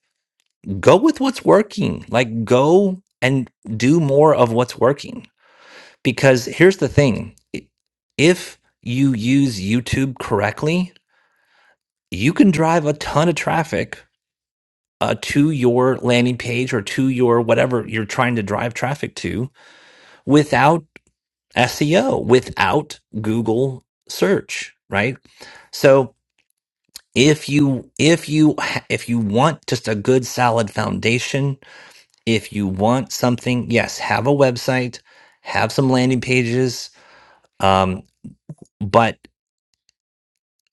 go with what's working. Like go and do more of what's working. Because here's the thing i- if you use YouTube correctly, you can drive a ton of traffic uh, to your landing page or to your whatever you're trying to drive traffic to without SEO, without Google search, right? So, if you if you if you want just a good solid foundation if you want something yes have a website have some landing pages um but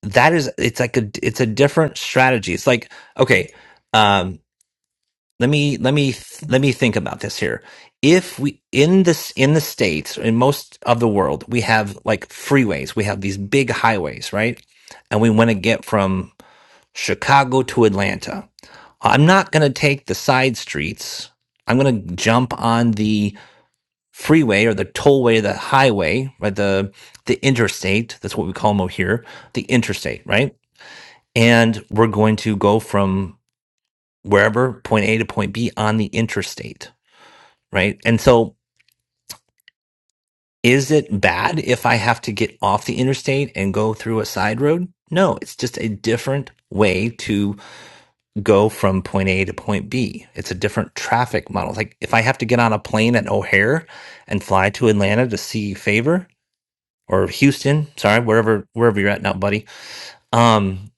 that is it's like a it's a different strategy it's like okay um let me let me let me think about this here if we in this in the states in most of the world we have like freeways we have these big highways right and we want to get from chicago to atlanta I'm not going to take the side streets. I'm going to jump on the freeway or the tollway, the highway, right? The the interstate. That's what we call them over here. The interstate, right? And we're going to go from wherever point A to point B on the interstate, right? And so, is it bad if I have to get off the interstate and go through a side road? No, it's just a different way to. go from point A to point B. It's a different traffic model. Like if I have to get on a plane at O'Hare and fly to Atlanta to see Favor or Houston, sorry, wherever wherever you're at now, buddy. Um,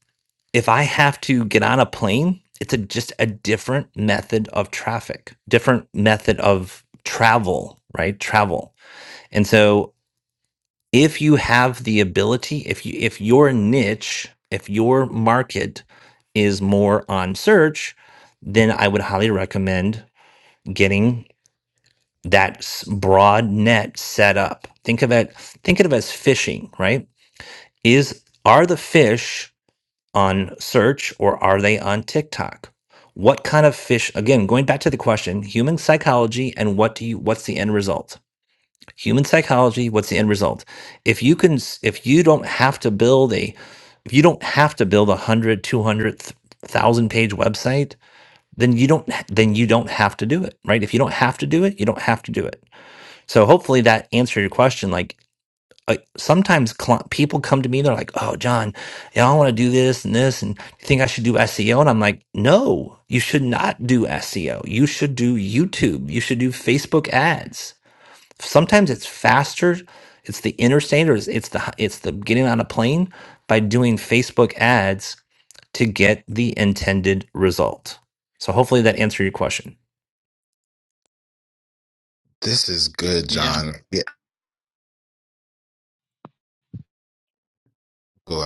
if I have to get on a plane, it's a just a different method of traffic, different method of travel, right? Travel. And so if you have the ability if you if your niche if your market is more on search then i would highly recommend getting that s- broad net set up think of it think of it as fishing right is are the fish on search or are they on tiktok what kind of fish again going back to the question human psychology and what do you what's the end result human psychology what's the end result if you can s- if you don't have to build a if you don't have to build a hundred, two hundred, thousand page website then you don't h- then you don't have to do it right if you don't have to do it you don't have to do it so hopefully that answered your question like uh, sometimes cli people come to me they're like oh john you know, i want to do this and this and you think i should do seo and i'm like no you should not do seo you should do youtube you should do facebook ads sometimes it's faster it's the interstate or it's, it's the it's the getting on a plane by doing facebook ads to get the intended result so hopefully that answered your question this is good Yeah. John yeah go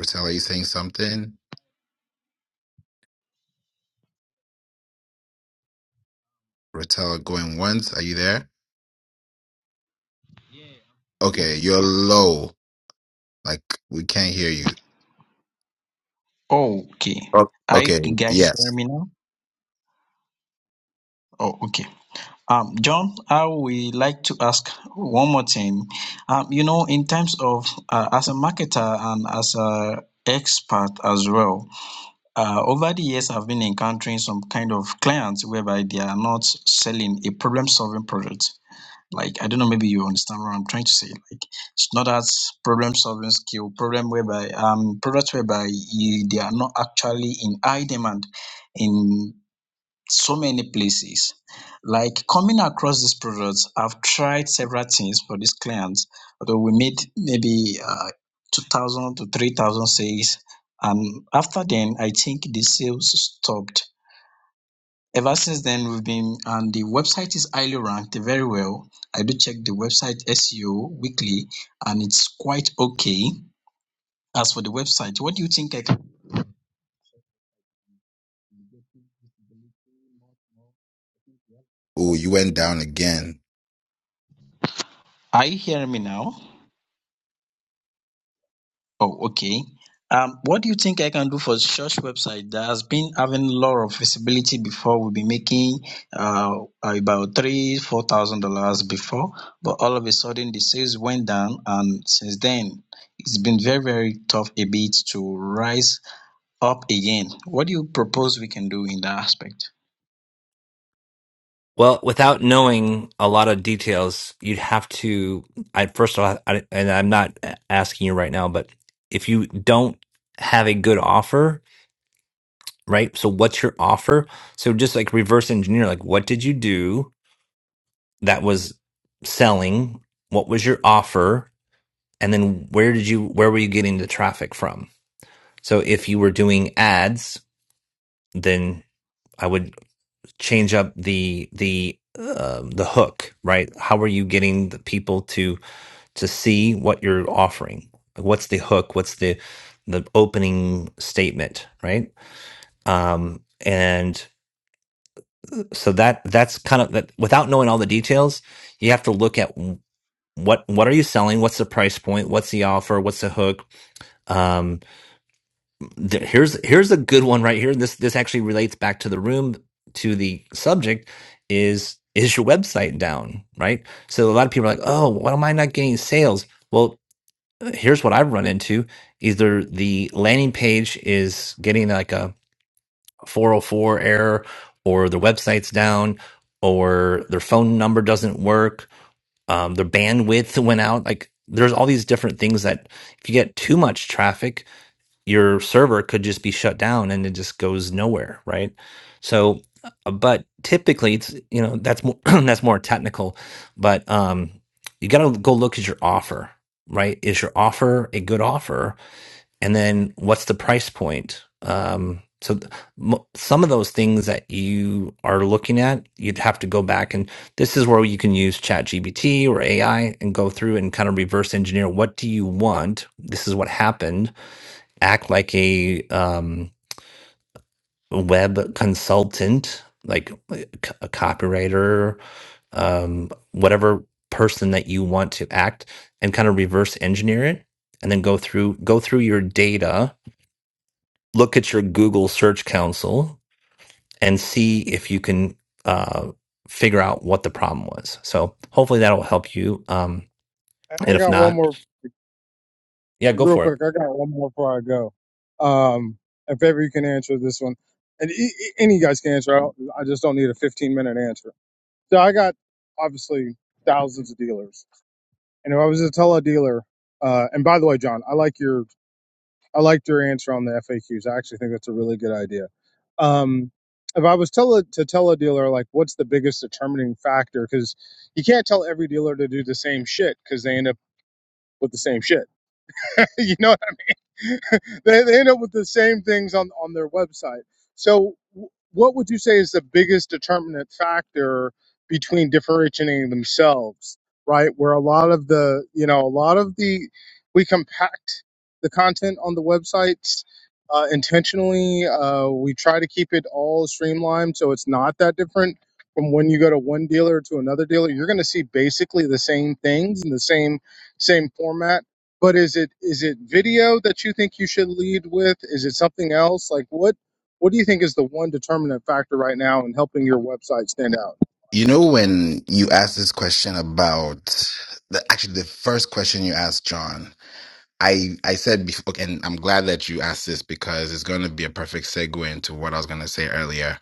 Rotel are you saying something Rotel going once are you there okay you're low like we can't hear you Okay. Oh. Are you okay guys hearing yes me now? Oh, okay. Um, John, I would like to ask one more thing. Um, you know, in terms of uh, as a marketer and as a expert as well, uh, over the years I've been encountering some kind of clients whereby they are not selling a problem-solving product. Like I don't know, maybe you understand what I'm trying to say. Like it's not that problem-solving skill, problem whereby um products whereby you, they are not actually in high demand in so many places. Like coming across these products, I've tried several things for these clients. Although we made maybe uh, 2,000 to 3,000 sales. And after then, I think the sales stopped. Ever since then, we've been, and the website is highly ranked very well. I do check the website SEO weekly, and it's quite okay. As for the website, what do you think I can? oh you went down again Are you hearing me now? Oh, okay. Um, what do you think I can do for the church website that has been having a lot of visibility before? We'll be making uh, about three, four thousand dollars before, but all of a sudden the sales went down, and since then it's been very, very tough a bit to rise up again. What do you propose we can do in that aspect? well without knowing a lot of details you'd have to i first of all I, and i'm not asking you right now but if you don't have a good offer right so what's your offer so just like reverse engineer like what did you do that was selling what was your offer and then where did you where were you getting the traffic from so if you were doing ads then i would change up the the uh, the hook right how are you getting the people to to see what you're offering what's the hook what's the the opening statement right um and so that that's kind of that without knowing all the details you have to look at what what are you selling what's the price point what's the offer what's the hook Um, there, here's here's a good one right here. This this actually relates back to the room to the subject is is your website down, right? So a lot of people are like, "Oh, why am I not getting sales?" Well, here's what I've run into. Either the landing page is getting like a 404 error or their website's down or their phone number doesn't work, um, their bandwidth went out. Like there's all these different things that if you get too much traffic, your server could just be shut down and it just goes nowhere, right? So, uh, but typically it's, you know, that's more, that's more technical, but um, you got to go look at your offer, right? Is your offer a good offer? And then what's the price point? Um, so th- mo- some of those things that you are looking at, you'd have to go back and this is where you can use ChatGPT or AI and go through and kind of reverse engineer. What do you want? This is what happened act like a um, web consultant, like a c- a copywriter, um, whatever person that you want to act, and kind of reverse engineer it, and then go through go through your data, look at your Google Search Console, and see if you can uh, figure out what the problem was. So hopefully that will help you. Um, and I if got one not, more yeah, go real for it. quick, I got one more before I go. Um, if ever you can answer this one, and e- e- any of you guys can answer. I, don't, I just don't need a 15 minute answer. So I got obviously thousands of dealers, and if I was to tell a dealer, uh, and by the way, John, I like your I liked your answer on the FAQs. I actually think that's a really good idea. Um, if I was tell a, to tell a dealer like what's the biggest determining factor, because you can't tell every dealer to do the same shit because they end up with the same shit. you know they, they end up with the same things on, on their website. So, w- what would you say is the biggest determinant factor between differentiating themselves, right? Where a lot of the, you know, a lot of the, we compact the content on the websites uh, intentionally. Uh, we try to keep it all streamlined so it's not that different from when you go to one dealer to another dealer. You're going to see basically the same things in the same same format but is it is it video that you think you should lead with? Is it something else? Like what what do you think is the one determinant factor right now in helping your website stand out? You know, when you asked this question about the, actually the first question you asked John, I, I said before, and I'm glad that you asked this because it's going to be a perfect segue into what I was going to say earlier.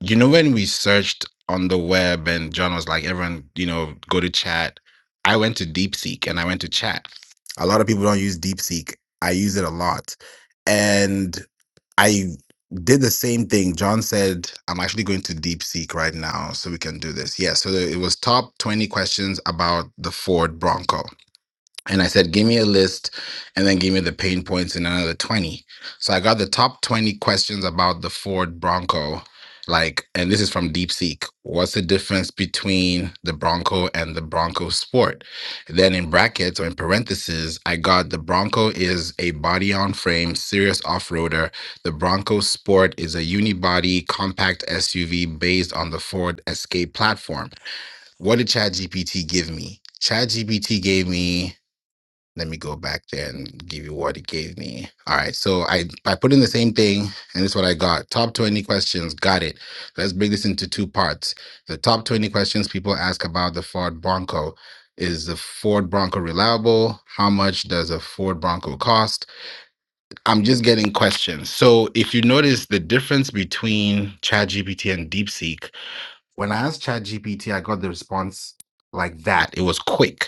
You know, when we searched on the web and John was like, everyone, you know, go to chat. I went to DeepSeek and I went to chat. A lot of people don't use DeepSeek. I use it a lot. And I did the same thing. John said, I'm actually going to DeepSeek right now so we can do this. Yeah. So it was top 20 questions about the Ford Bronco. And I said, give me a list and then give me the pain points in another 20. So I got the top 20 questions about the Ford Bronco. Like, and this is from DeepSeek. What's the difference between the Bronco and the Bronco Sport? Then in brackets or in parentheses, I got the Bronco is a body on frame, serious off roader. The Bronco Sport is a unibody compact SUV based on the Ford Escape platform. What did ChatGPT give me? ChatGPT gave me let me go back there and give you what it gave me. All right. So I, I put in the same thing and this is what I got. Top 20 questions. Got it. Let's break this into two parts. The top 20 questions people ask about the Ford Bronco. Is the Ford Bronco reliable? How much does a Ford Bronco cost? I'm just getting questions. So if you notice the difference between ChatGPT and DeepSeek, when I asked ChatGPT, I got the response like that. It was quick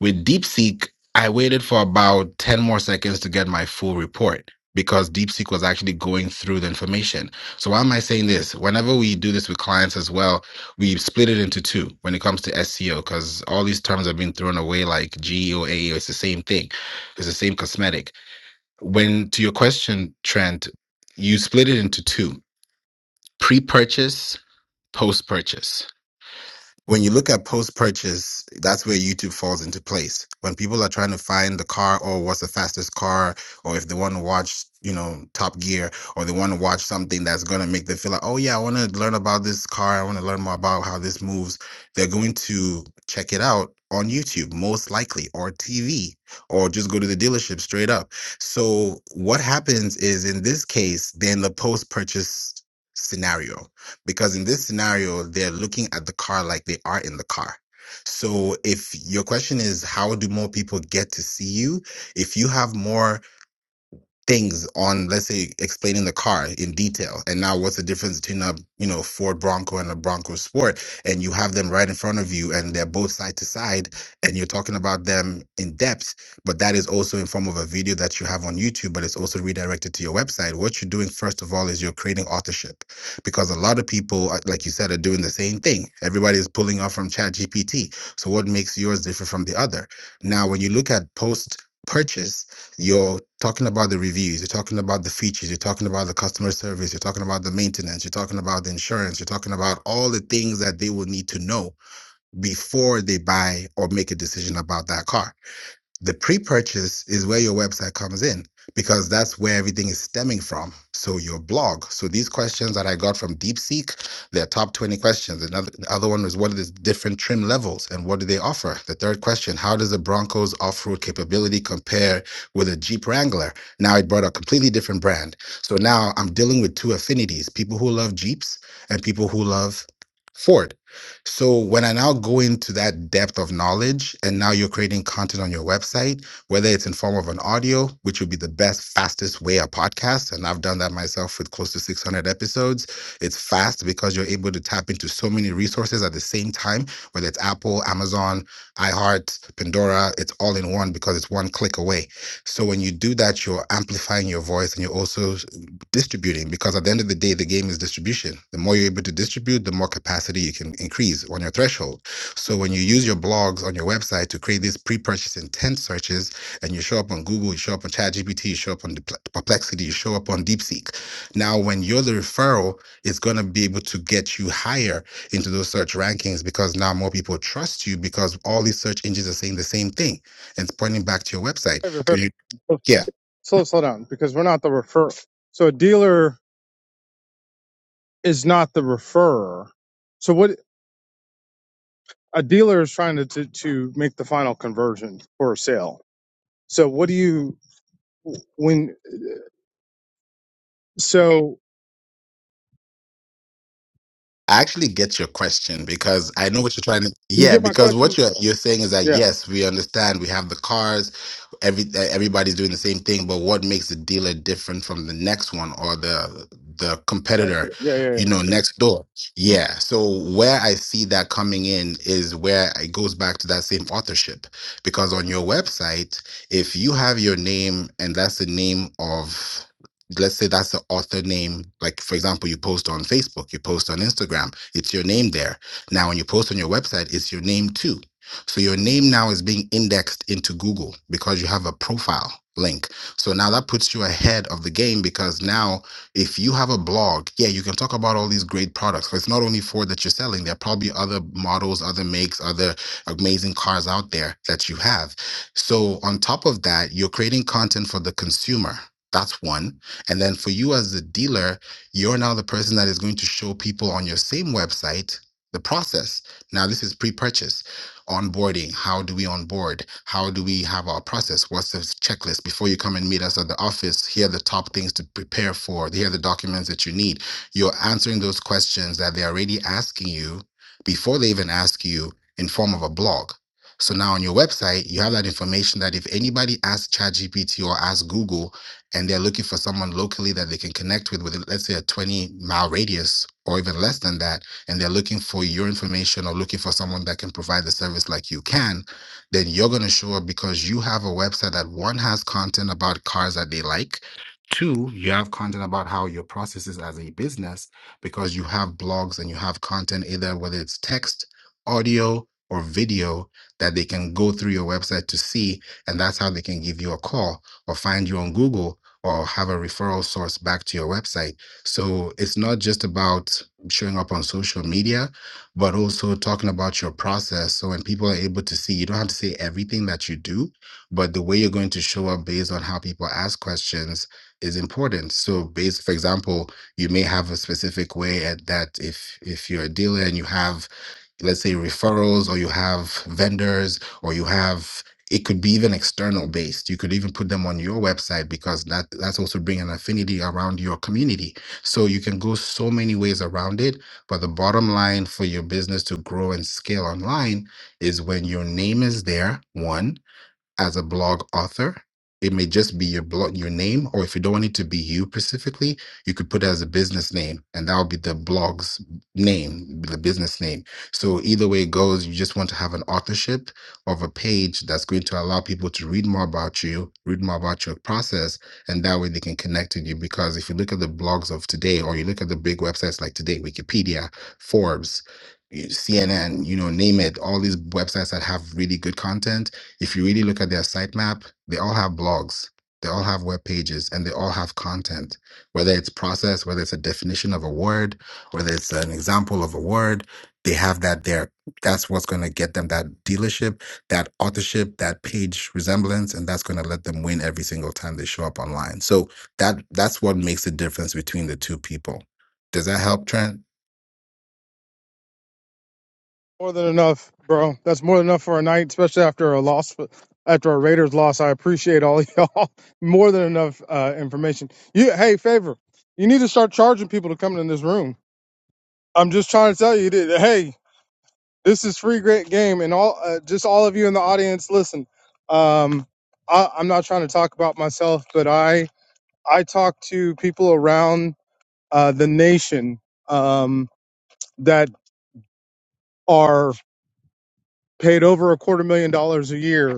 with DeepSeek, I waited for about 10 more seconds to get my full report because DeepSeek was actually going through the information. So why am I saying this? Whenever we do this with clients as well, we split it into two when it comes to SEO because all these terms are being thrown away like GEO, AEO. It's the same thing. It's the same cosmetic. When to your question, Trent, you split it into two, pre-purchase, post-purchase when you look at post purchase, that's where YouTube falls into place. When people are trying to find the car or what's the fastest car, or if they want to watch, you know, Top Gear, or they want to watch something that's going to make them feel like, oh, yeah, I want to learn about this car. I want to learn more about how this moves. They're going to check it out on YouTube, most likely, or TV, or just go to the dealership straight up. So, what happens is in this case, then the post purchase scenario because in this scenario they're looking at the car like they are in the car so if your question is how do more people get to see you if you have more things on let's say explaining the car in detail and now what's the difference between a you know ford bronco and a bronco sport and you have them right in front of you and they're both side to side and you're talking about them in depth but that is also in form of a video that you have on youtube but it's also redirected to your website what you're doing first of all is you're creating authorship because a lot of people uh, like you said are doing the same thing everybody's pulling off from chat gpt so what makes yours different from the other now when you look at post purchase you're talking about the reviews, you're talking about the features, you're talking about the customer service, you're talking about the maintenance, you're talking about the insurance, you're talking about all the things that they will need to know before they buy or make a decision about that car. The pre purchase is where your website comes in because that's where everything is stemming from. So, your blog. So, these questions that I got from DeepSeek, their top 20 questions. Another the other one was what are the different trim levels and what do they offer? The third question how does the Broncos off road capability compare with a Jeep Wrangler? Now, it brought a completely different brand. So, now I'm dealing with two affinities people who love Jeeps and people who love Ford. So when I now go into that depth of knowledge, and now you're creating content on your website, whether it's in form of an audio, which would be the best, fastest way a podcast, and I've done that myself with close to 600 episodes. It's fast because you're able to tap into so many resources at the same time, whether it's Apple, Amazon, iHeart, Pandora. It's all in one because it's one click away. So when you do that, you're amplifying your voice and you're also distributing because at the end of the day the game is distribution the more you're able to distribute the more capacity you can increase on your threshold so when you use your blogs on your website to create these pre-purchase intent searches and you show up on google you show up on chatgpt you show up on perplexity you show up on deepseek now when you're the referral it's going to be able to get you higher into those search rankings because now more people trust you because all these search engines are saying the same thing and it's pointing back to your website Wait, wait, so wait. you, Slow, yeah slow down because we're not the referrer. So a dealer is not the referrer. So what a dealer is trying to, to to make the final conversion for a sale. So what do you when so I actually get your question because I know what you're trying to. you Yeah, get my because what question? you're you're saying is that Yeah, yes, we understand we have the cars, every everybody's doing the same thing but what makes the dealer different from the next one or the the that's competitor it. Yeah, yeah. yeah. you know next door yeah so where i see that coming in is where it goes back to that same authorship because on your website if you have your name and that's the name of let's say that's the author name like for example you post on facebook you post on instagram it's your name there now when you post on your website it's your name too so your name now is being indexed into Google because you have a profile link. So now that puts you ahead of the game because now if you have a blog, yeah, you can talk about all these great products. products. 'cause It's not only Ford that you're selling, there are probably other models, other makes, other amazing cars out there that you have. So on top of that, you're creating content for the consumer. That's one. And then for you as the dealer, you're now the person that is going to show people on your same website the process. Now, this is pre purchase onboarding how do we onboard how do we have our process what's the checklist before you come and meet us at the office here are the top things to prepare for here are the documents that you need you're answering those questions that they're already asking you before they even ask you in form of a blog so now on your website you have that information that if anybody asks chatgpt or asks google and they're looking for someone locally that they can connect with with let's say a 20 mile radius or even less than that and they're looking for your information or looking for someone that can provide the service like you can, then you're going to show up because you have a website that one has content about cars that they like. Two, you have content about how your process is as a business because you have blogs and you have content either whether it's text, audio, or video that they can go through your website to see. And that's how they can give you a call or find you on Google or have a referral source back to your website. So it's not just about showing up on social media, but also talking about your process. So when people are able to see, you don't have to say everything that you do, but the way you're going to show up based on how people ask questions is important. So based, for example, you may have a specific way at that if if you're a dealer and you have let's say referrals or you have vendors or you have it could be even external based you could even put them on your website because that that's also bring an affinity around your community so you can go so many ways around it but the bottom line for your business to grow and scale online is when your name is there one as a blog author. It may just be your blog, your name, or if you don't want it to be you specifically, you could put it as a business name, and that'll be the blog's name, the business name. So either way it goes, you just want to have an authorship of a page that's going to allow people to read more about you, read more about your process, and that way they can connect with you. Because if you look at the blogs of today, or you look at the big websites like today, Wikipedia, Forbes, CNN, you know, name it, all these websites that have really good content if you really look at their sitemap, they all have blogs, they all have web pages, and they all have content, whether it's process, whether it's a definition of a word, whether it's an example of a word, they have that there. That's what's going to get them that dealership, that authorship, that page resemblance, and that's going to let them win every single time they show up online. So that that's what makes the difference between the two people. Does that help, Trent? More than enough, bro. That's more than enough for a night, especially after a loss, after a Raiders loss. I appreciate all y'all. More than enough uh, information. You, hey, favor. You need to start charging people to come in this room. I'm just trying to tell you that. Hey, this is free great game, and all uh, just all of you in the audience, listen. Um, I, I'm not trying to talk about myself, but I I talk to people around uh, the nation um, that are paid over a quarter million dollars a year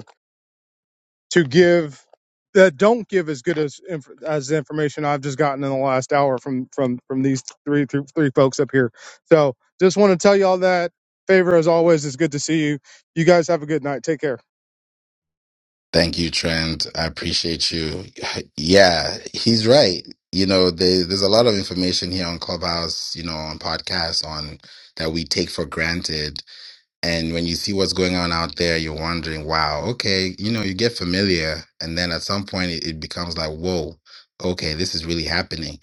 to give that don't give as good as inf- as the information I've just gotten in the last hour from from from these three three, three folks up here. So just want to tell you all that favor as always. It's good to see you. You guys have a good night. Take care. Thank you, Trent. I appreciate you. Yeah, he's right. You know, there, there's a lot of information here on Clubhouse, you know, on podcasts, on that we take for granted. And when you see what's going on out there, you're wondering, wow, okay, you know, you get familiar. And then at some point, it, it becomes like, whoa, okay, this is really happening.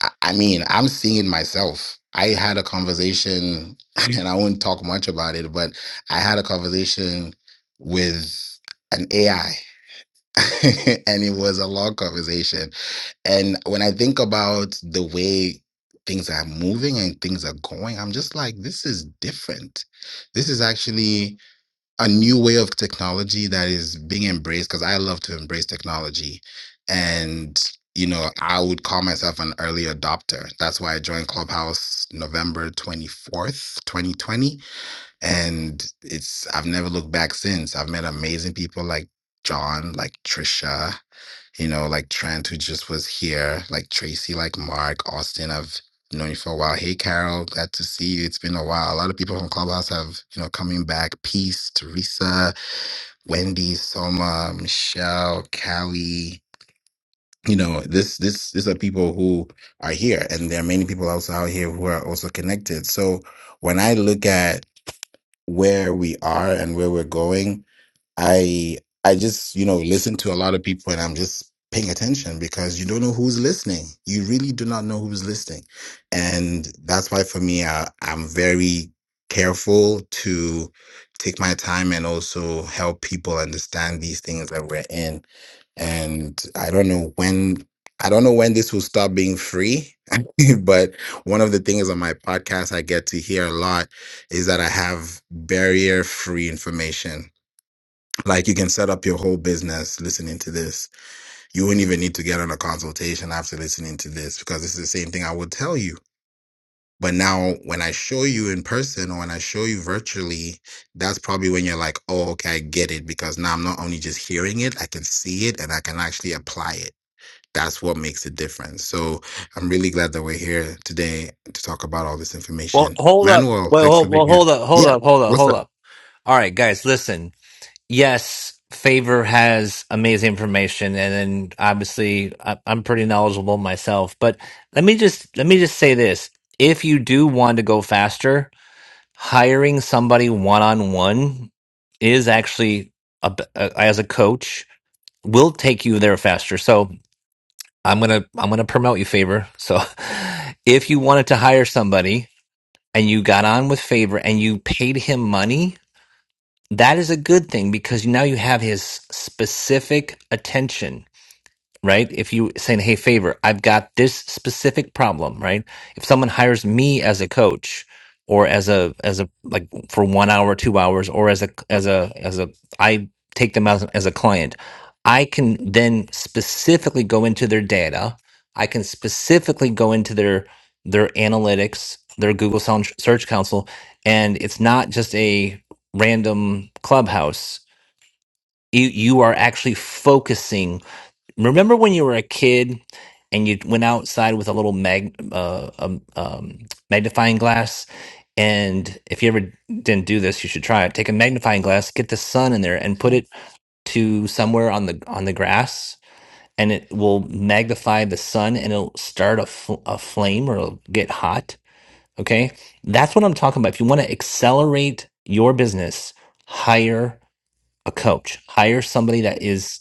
I, I mean, I'm seeing it myself. I had a conversation, and I won't talk much about it, but I had a conversation with an AI and it was a long conversation. And when I think about the way things are moving and things are going, I'm just like, this is different. This is actually a new way of technology that is being embraced because I love to embrace technology. And, you know, I would call myself an early adopter. That's why I joined Clubhouse November 24th, 2020 and it's I've never looked back since. I've met amazing people like John, like Trisha, you know, like Trent who just was here, like Tracy, like Mark, Austin. I've known you for a while. Hey Carol, glad to see you. It's been a while. A lot of people from Clubhouse have, you know, coming back. Peace, Teresa, Wendy, Soma, Michelle, Callie. You know, this this these are people who are here. And there are many people also out here who are also connected. So when I look at where we are and where we're going I I just, you know, listen to a lot of people and I'm just paying attention because you don't know who's listening. You really do not know who's listening. And that's why for me, I, I'm very careful to take my time and also help people understand these things that we're in. And I don't know when I don't know when this will stop being free, but one of the things on my podcast I get to hear a lot is that I have barrier free information like you can set up your whole business listening to this. You wouldn't even need to get on a consultation after listening to this because it's the same thing I would tell you. But now when I show you in person or when I show you virtually, that's probably when you're like, oh, okay, I get it because now I'm not only just hearing it, I can see it and I can actually apply it. That's what makes the difference. So I'm really glad that we're here today to talk about all this Well, information. hold up. Manuel, Well, thanks for hold, well, being here. hold up, hold Yeah. up, hold up, What's up? hold up. All right, guys, listen. yes, Favor has amazing information, and then obviously I- I'm pretty knowledgeable myself. But let me just let me just say this: if you do want to go faster, hiring somebody one on one is actually a b- a- as a coach will take you there faster. So I'm gonna I'm gonna promote you, Favor. So if you wanted to hire somebody and you got on with Favor and you paid him money that is a good thing because now you have his specific attention right? If you saying, "Hey, favor, I've got this specific problem," right? If someone hires me as a coach or as a as a like for 1 hour, 2 hours or as a as a as a I take them as as a client, I can then specifically go into their data. I can specifically go into their their analytics, their Google Sound- Search Console, and it's not just a random clubhouse. You you are actually focusing Remember when you were a kid and you went outside with a little mag uh, um, um, magnifying glass? And if you ever didn't do this, you should try it. Take a magnifying glass, get the sun in there, and put it to somewhere on the on the grass, and it will magnify the sun, and it'll start a, fl- a flame or it'll get hot. Okay, that's what I'm talking about. If you want to accelerate your business, hire a coach, hire somebody that is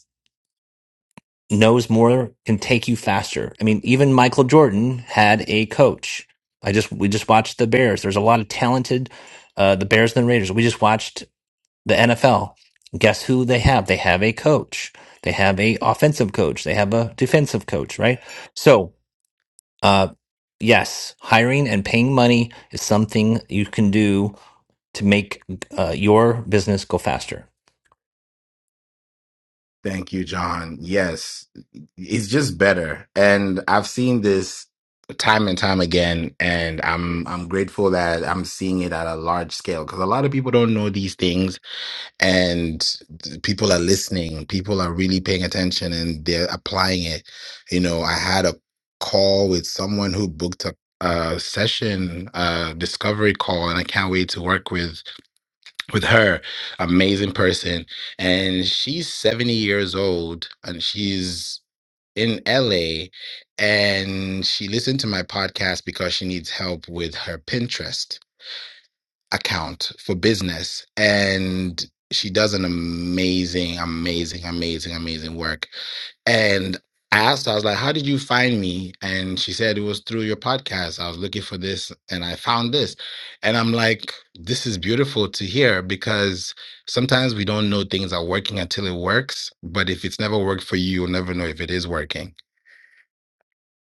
knows more, can take you faster. I mean, even Michael Jordan had a coach. I just we just watched the Bears. There's a lot of talented uh, the Bears and the Raiders. We just watched the NFL. Guess who they have? They have a coach. They have a offensive coach. They have a defensive coach, right? So, uh, yes, hiring and paying money is something you can do to make uh, your business go faster. Thank you, John. Yes, it's just better. And I've seen this time and time again, and I'm I'm grateful that I'm seeing it at a large scale because a lot of people don't know these things, and people are listening. People are really paying attention, and they're applying it. You know, I had a call with someone who booked a, a session, a discovery call, and I can't wait to work with with her amazing person and she's 70 years old and she's in LA and she listened to my podcast because she needs help with her Pinterest account for business and she does an amazing amazing amazing amazing work and I asked her, I was like, How did you find me? And she said it was through your podcast. I was looking for this and I found this. And I'm like, This is beautiful to hear because sometimes we don't know things are working until it works. But if it's never worked for you, you'll never know if it is working.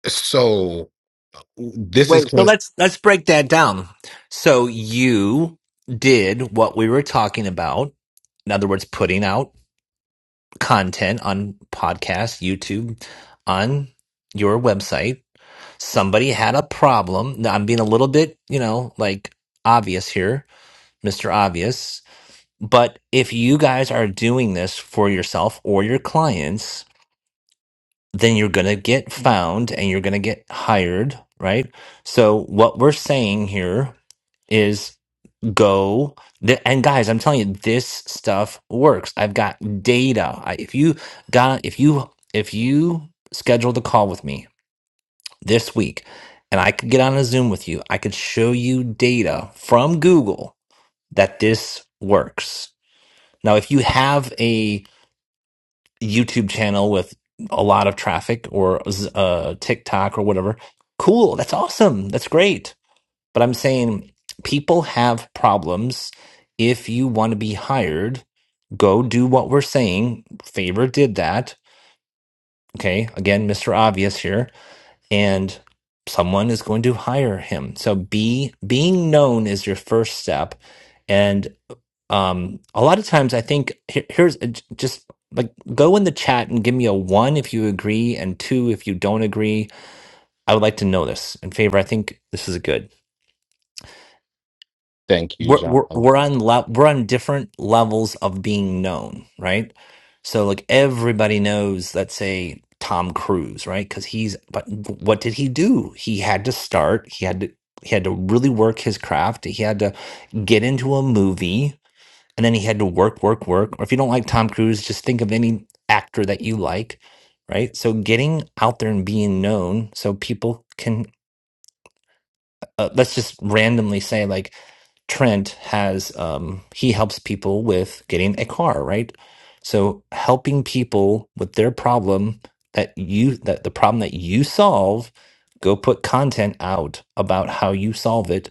So this is Wait, so cool. let's let's break that down. So you did what we were talking about. In other words, putting out content on podcasts, YouTube, on your website. Somebody had a problem. Now, I'm being a little bit, you know, like obvious here, Mr. Obvious. But if you guys are doing this for yourself or your clients, then you're going to get found and you're going to get hired, right? So what we're saying here is go th- and guys, I'm telling you this stuff works. I've got data. I, if you got if you if you scheduled a call with me this week and I could get on a Zoom with you, I could show you data from Google that this works. Now, if you have YouTube channel with a lot of traffic or uh, TikTok or whatever. Cool. That's awesome. That's great. But I'm saying people have problems. If you want to be hired, go do what we're saying. Favor did that. Okay. Again, Mr. Obvious here. And someone is going to hire him. So be being known is your first step. and um a lot of times i think here, here's uh, j- just like go in the chat and give me a one if you agree and two if you don't agree i would like to know this in favor i think this is good Thank you, we're we're, John. we're on le- we're on different levels of being known right so like everybody knows let's say tom cruise right because he's but what did he do he had to start he had to he had to really work his craft he had to get into a movie and then he had to work, work, work. Or if you don't like Tom Cruise, just think of any actor that you like, right? So getting out there and being known so people can, uh, let's just randomly say, like, Trent has um, he helps people with getting a car, right? So helping people with their problem that you that the problem that you solve, go put content out about how you solve it.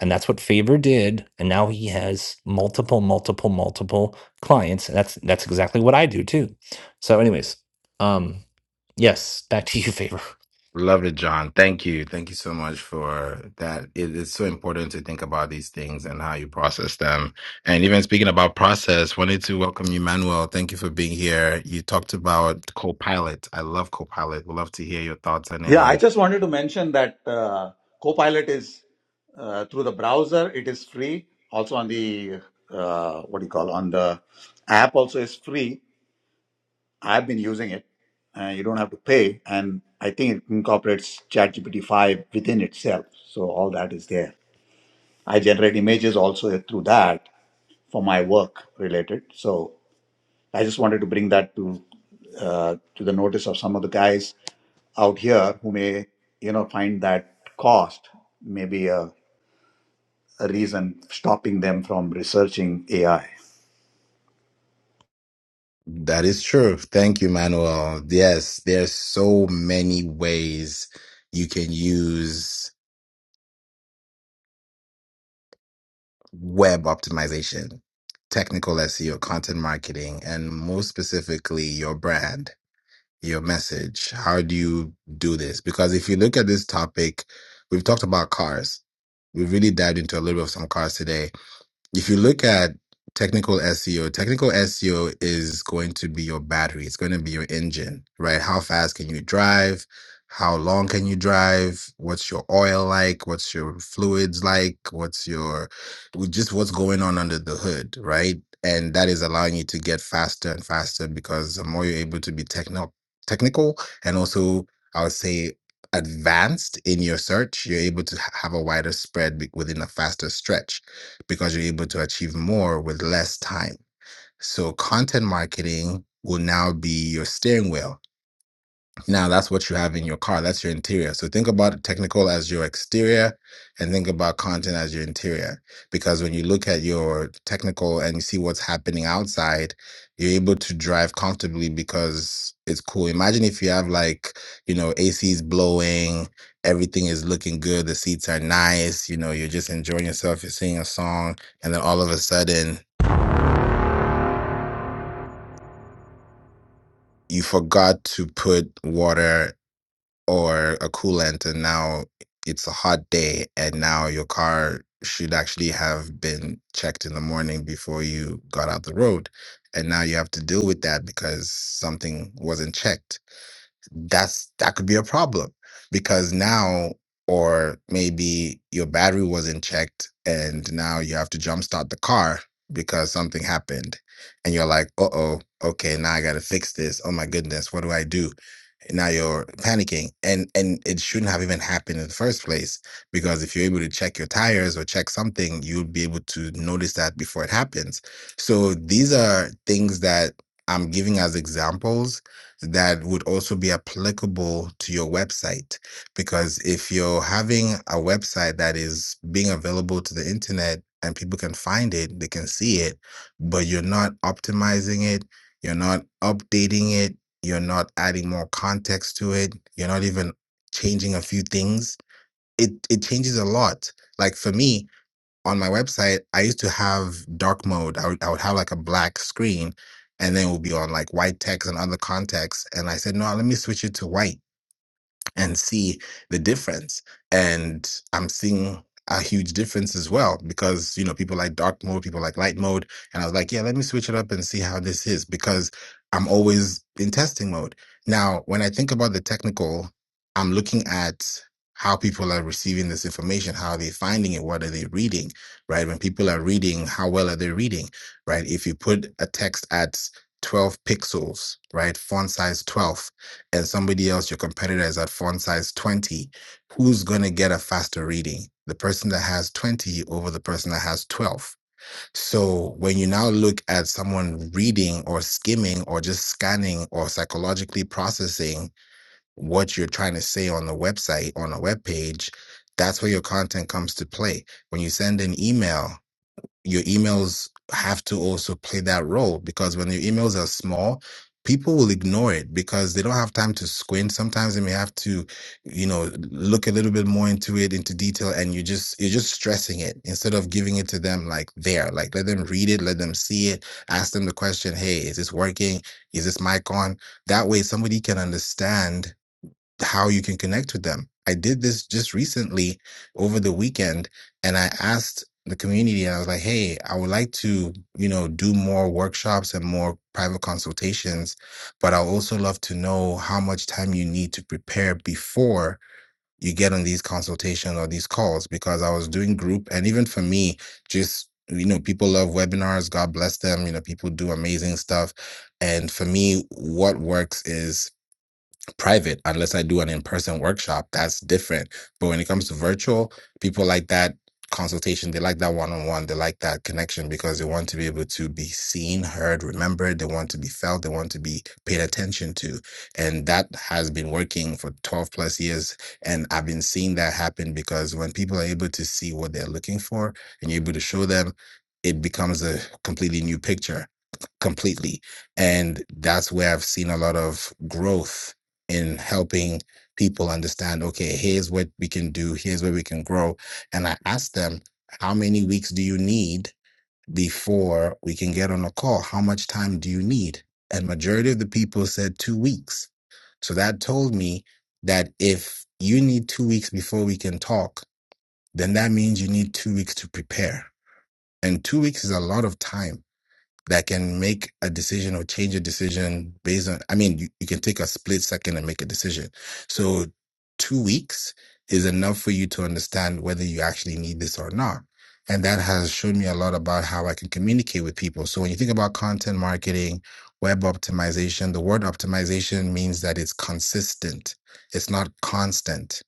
And that's what Favor did. And now he has multiple, multiple, multiple clients. And that's that's exactly what I do too. So, anyways, um, yes, back to you, Favor. Love it, John. Thank you. Thank you so much for that. It is so important to think about these things and how you process them. And even speaking about process, wanted to welcome you, Manuel. Thank you for being here. You talked about Copilot. I love Copilot. Would love to hear your thoughts on it. Yeah, I And just wanted to mention that uh, Copilot is uh, through the browser. It is free. Also on the uh, what do you call on the app also is free. I've been using it. Uh, you don't have to pay, and I think it incorporates ChatGPT five within itself. So all that is there. I generate images also through that for my work related. So I just wanted to bring that to uh, to the notice of some of the guys out here who may you know find that cost maybe a, a reason stopping them from researching AI. that is true. Thank you, Manuel. Yes, there's so many ways you can use web optimization, technical SEO, content marketing, and most specifically, your brand your message? How do you do this? Because if you look at this topic, we've talked about cars. We've really dived into a little bit of some cars today. If you look at technical SEO, technical SEO is going to be your battery. It's going to be your engine, right? How fast can you drive? How long can you drive? What's your oil like? What's your fluids like? What's your just what's going on under the hood, right? And that is allowing you to get faster and faster because the more you're able to be techno technical and also I would say advanced in your search, you're able to ha- have a wider spread be- within a faster stretch because you're able to achieve more with less time. So, content marketing will now be your steering wheel now, that's what you have in your car. That's your interior. So think about technical as your exterior and think about content as your interior. Because when you look at your technical and you see what's happening outside, you're able to drive comfortably because it's cool. Imagine if you have like, you know, AC's blowing, everything is looking good, the seats are nice, you know, you're just enjoying yourself, you're singing a song, and then all of a sudden, you forgot to put water or a coolant and now it's a hot day and now your car should actually have been checked in the morning before you got out the road and now you have to deal with that because something wasn't checked that's that could be a problem because now or maybe your battery wasn't checked and now you have to jumpstart the car because something happened and you're like uh-oh okay now i gotta fix this oh my goodness what do i do now you're panicking and and it shouldn't have even happened in the first place because if you're able to check your tires or check something you'll be able to notice that before it happens so these are things that i'm giving as examples that would also be applicable to your website. Because if you're having a website that is being available to the internet and people can find it, they can see it, but you're not optimizing it, you're not updating it, you're not adding more context to it, you're not even changing a few things, it, it changes a lot. Like for me, on my website, I used to have dark mode. I would, I would have like a black screen and then it would be on like white text and other contexts. And I said, no, let me switch it to white and see the difference. And I'm seeing a huge difference as well because you know people like dark mode, people like light mode, and I was like, yeah, let me switch it up and see how this is because I'm always in testing mode. Now, when I think about the technical, I'm looking at how people are receiving this information, how are they finding it, what are they reading, right? When people are reading, how well are they reading, right? If you put a text at 12 pixels, right, font size 12 and somebody else, your competitor, is at font size 20, who's going to get a faster reading? The person that has 20 over the person that has 12. So when you now look at someone reading or skimming or just scanning or psychologically processing what you're trying to say on the website, on a web page, that's where your content comes to play. When you send an email, your emails have to also play that role because when your emails are small, people will ignore it because they don't have time to squint. Sometimes they may have to, you know, look a little bit more into it, into detail, and you just you're just stressing it instead of giving it to them like there. Like let them read it, let them see it, ask them the question, hey, is this working? Is this mic on? That way somebody can understand how you can connect with them. I did this just recently over the weekend and I asked the community and I was like, "Hey, I would like to, you know, do more workshops and more private consultations, but I'll also love to know how much time you need to prepare before you get on these consultations or these calls because I was doing group and even for me, just you know, people love webinars, God bless them, you know, people do amazing stuff. And for me, what works is private unless I do an in-person workshop. That's different. But when it comes to virtual, people like that consultation, they like that one-on-one, they like that connection because they want to be able to be seen, heard, remembered, they want to be felt, they want to be paid attention to. And that has been working for 12 plus years. And I've been seeing that happen because when people are able to see what they're looking for and you're able to show them, it becomes a completely new picture completely. And that's where I've seen a lot of growth in helping people understand okay here's what we can do here's where we can grow and i asked them how many weeks do you need before we can get on a call how much time do you need and majority of the people said 2 weeks so that told me that if you need 2 weeks before we can talk then that means you need 2 weeks to prepare and 2 weeks is a lot of time that can make a decision or change a decision based on, I mean, you, you can take a split second and make a decision. So two weeks is enough for you to understand whether you actually need this or not. And that has shown me a lot about how I can communicate with people. So when you think about content marketing, web optimization, the word optimization means that it's consistent. It's not constant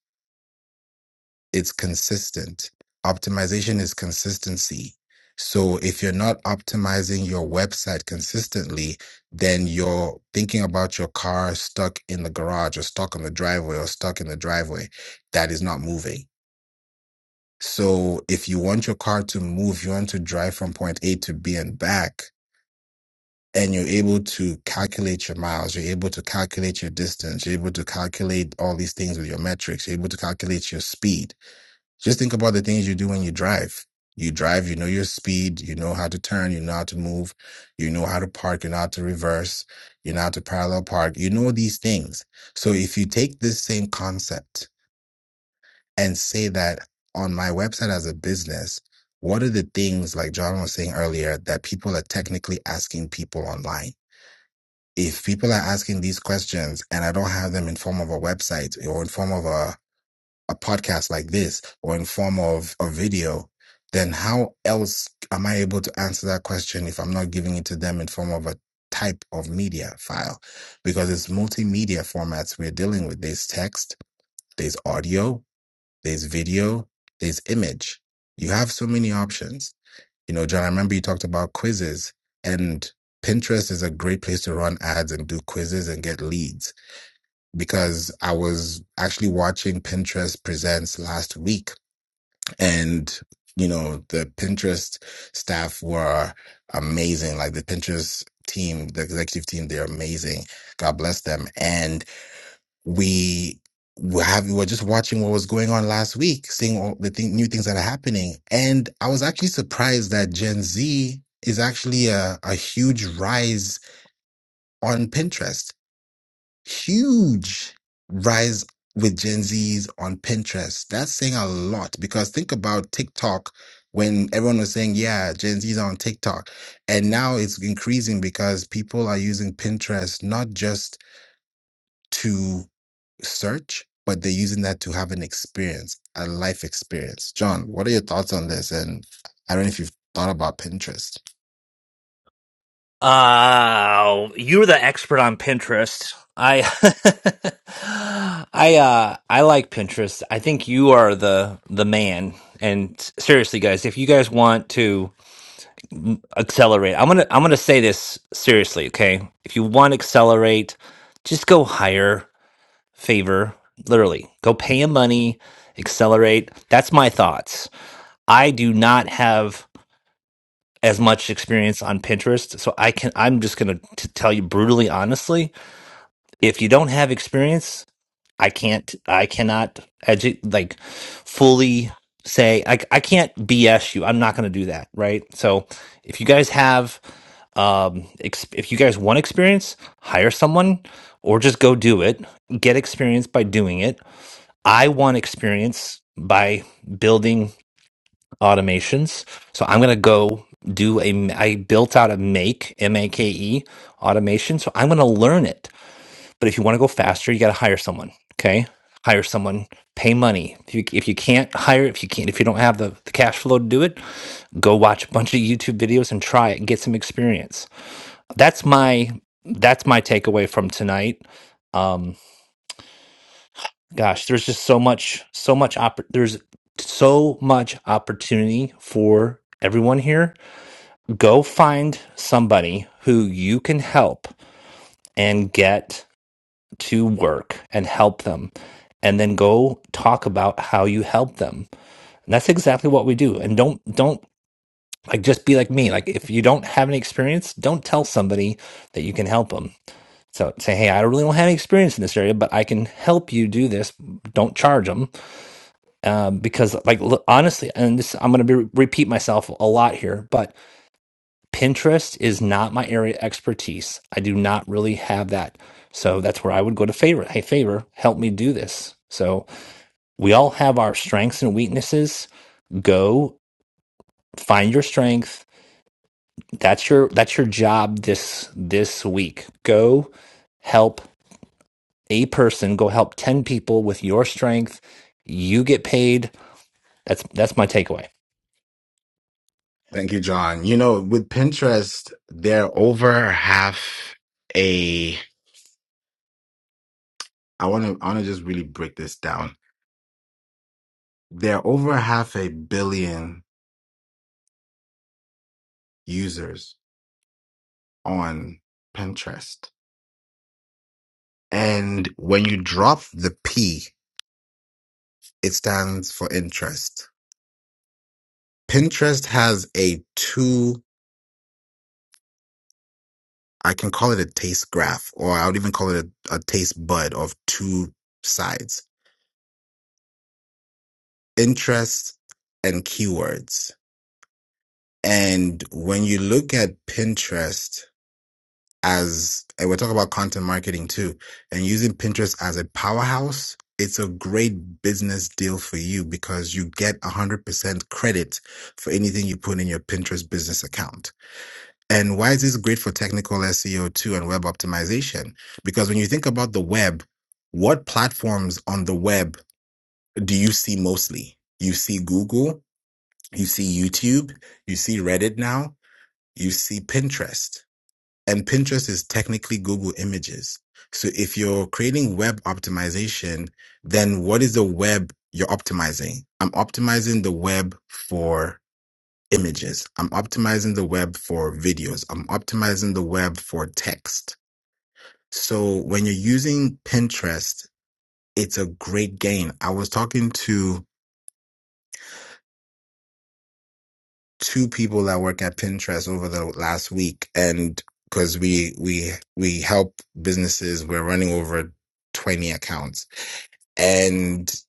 it's consistent. Optimization is consistency. So if you're not optimizing your website consistently, then you're thinking about your car stuck in the garage or stuck on the driveway or stuck in the driveway that is not moving. So if you want your car to move, you want to drive from point A to B and back, and you're able to calculate your miles, you're able to calculate your distance, you're able to calculate all these things with your metrics, you're able to calculate your speed just think about the things you do when you drive. You drive, you know your speed, you know how to turn, you know how to move, you know how to park, you know how to reverse, you know how to parallel park, you know these things. So if you take this same concept and say that on my website as a business, what are the things, like John was saying earlier, that people are technically asking people online? If people are asking these questions and I don't have them in form of a website or in form of a a podcast like this or in form of a video, then how else am I able to answer that question if I'm not giving it to them in form of a type of media file? Because it's multimedia formats we're dealing with. There's text, there's audio, there's video, there's image. You have so many options. You know, John, I remember you talked about quizzes and Pinterest is a great place to run ads and do quizzes and get leads because I was actually watching Pinterest Presents last week and you know the pinterest staff were amazing like the pinterest team the executive team they're amazing god bless them and we were having we were just watching what was going on last week seeing all the thing, new things that are happening and i was actually surprised that gen z is actually a, a huge rise on pinterest huge rise with Gen Zs on Pinterest. That's saying a lot because think about TikTok when everyone was saying, yeah, Gen Zs are on TikTok. And now it's increasing because people are using Pinterest not just to search, but they're using that to have an experience, a life experience. John, what are your thoughts on this? And I don't know if you've thought about Pinterest. Uh, you're the expert on Pinterest. I, I, uh, I like Pinterest. I think you are the the man. And s- seriously, guys, if you guys want to mm, accelerate, I'm gonna I'm gonna say this seriously, okay? If you want to accelerate, just go hire favor. Literally, go pay him money, accelerate. That's my thoughts. I do not have as much experience on Pinterest. So I can, I'm just going to tell you brutally, honestly, if you don't have experience, I can't, I cannot edu- like fully say, I, I can't BS you. I'm not going to do that. Right. So if you guys have, um, ex- if you guys want experience, hire someone or just go do it. Get experience by doing it. I want experience by building automations. So I'm going to go do a, I built out a make, M A K E automation. So I'm going to learn it. But if you want to go faster, you got to hire someone. Okay. Hire someone, pay money. If you, if you can't hire, if you can't, if you don't have the, the cash flow to do it, go watch a bunch of YouTube videos and try it, get some experience. That's my, that's my takeaway from tonight. Um, gosh, there's just so much, so much, oppor- there's so much opportunity for everyone here Go find somebody who you can help and get to work and help them. And then go talk about how you help them. And that's exactly what we do. And don't, don't like just be like me. Like if you don't have any experience, don't tell somebody that you can help them. So say, hey, I really don't have any experience in this area, but I can help you do this. Don't charge them um, because, like, look, honestly, and this I'm going to be, repeat myself a lot here, but Pinterest is not my area of expertise. I do not really have that. So that's where I would go to favor. Hey, favor, help me do this. So we all have our strengths and weaknesses. Go find your strength. That's your that's your job this this week. Go help a person, go help 10 people with your strength. You get paid. That's that's my takeaway. Thank you, John. You know, with Pinterest, they're over half a I want to I want to just really break this down. There are over half a billion users on Pinterest. And when you drop the P, it stands for interest. Pinterest has a two, I can call it a taste graph, or I would even call it a, a taste bud of two sides, interest and keywords. And when you look at Pinterest, as and we're talking about content marketing too and using pinterest as a powerhouse it's a great business deal for you because you get 100% credit for anything you put in your pinterest business account and why is this great for technical seo too and web optimization because when you think about the web what platforms on the web do you see mostly you see google you see youtube you see reddit now you see pinterest and Pinterest is technically Google Images. So if you're creating web optimization, then what is the web you're optimizing? I'm optimizing the web for images. I'm optimizing the web for videos. I'm optimizing the web for text. So when you're using Pinterest, it's a great gain. I was talking to two people that work at Pinterest over the last week, and because we we we help businesses, we're running over twenty accounts, and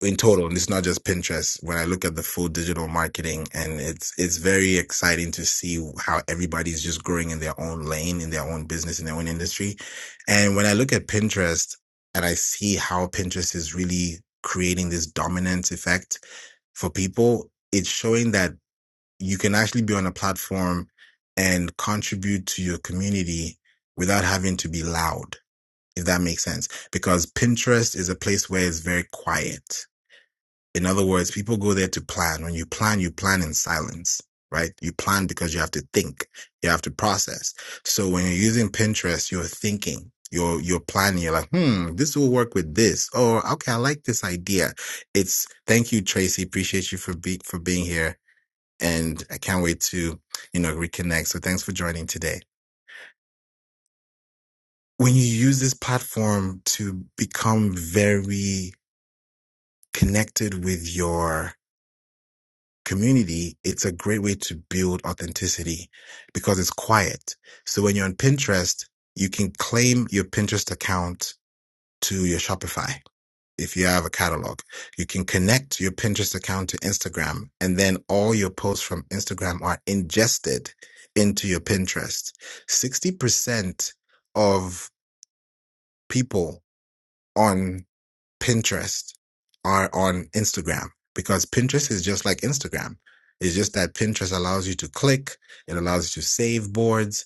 in total, and it's not just Pinterest. When I look at the full digital marketing, and it's it's very exciting to see how everybody's just growing in their own lane, in their own business, in their own industry, and when I look at Pinterest and I see how Pinterest is really creating this dominant effect for people. It's showing that you can actually be on a platform and contribute to your community without having to be loud, if that makes sense. Because Pinterest is a place where it's very quiet. In other words, people go there to plan. When you plan, you plan in silence, right? You plan because you have to think, you have to process. So when you're using Pinterest, you're thinking. You're, you're planning, you're like, hmm, this will work with this. Or, okay, I like this idea. It's, thank you, Tracy. Appreciate you for be, for being here and I can't wait to, you know, reconnect. So thanks for joining today. When you use this platform to become very connected with your community, it's a great way to build authenticity because it's quiet. So when you're on Pinterest, you can claim your Pinterest account to your Shopify if you have a catalog, you can connect your Pinterest account to Instagram, and then all your posts from Instagram are ingested into your Pinterest. 60% of people on Pinterest are on Instagram because Pinterest is just like Instagram. It's just that Pinterest allows you to click, it allows you to save boards,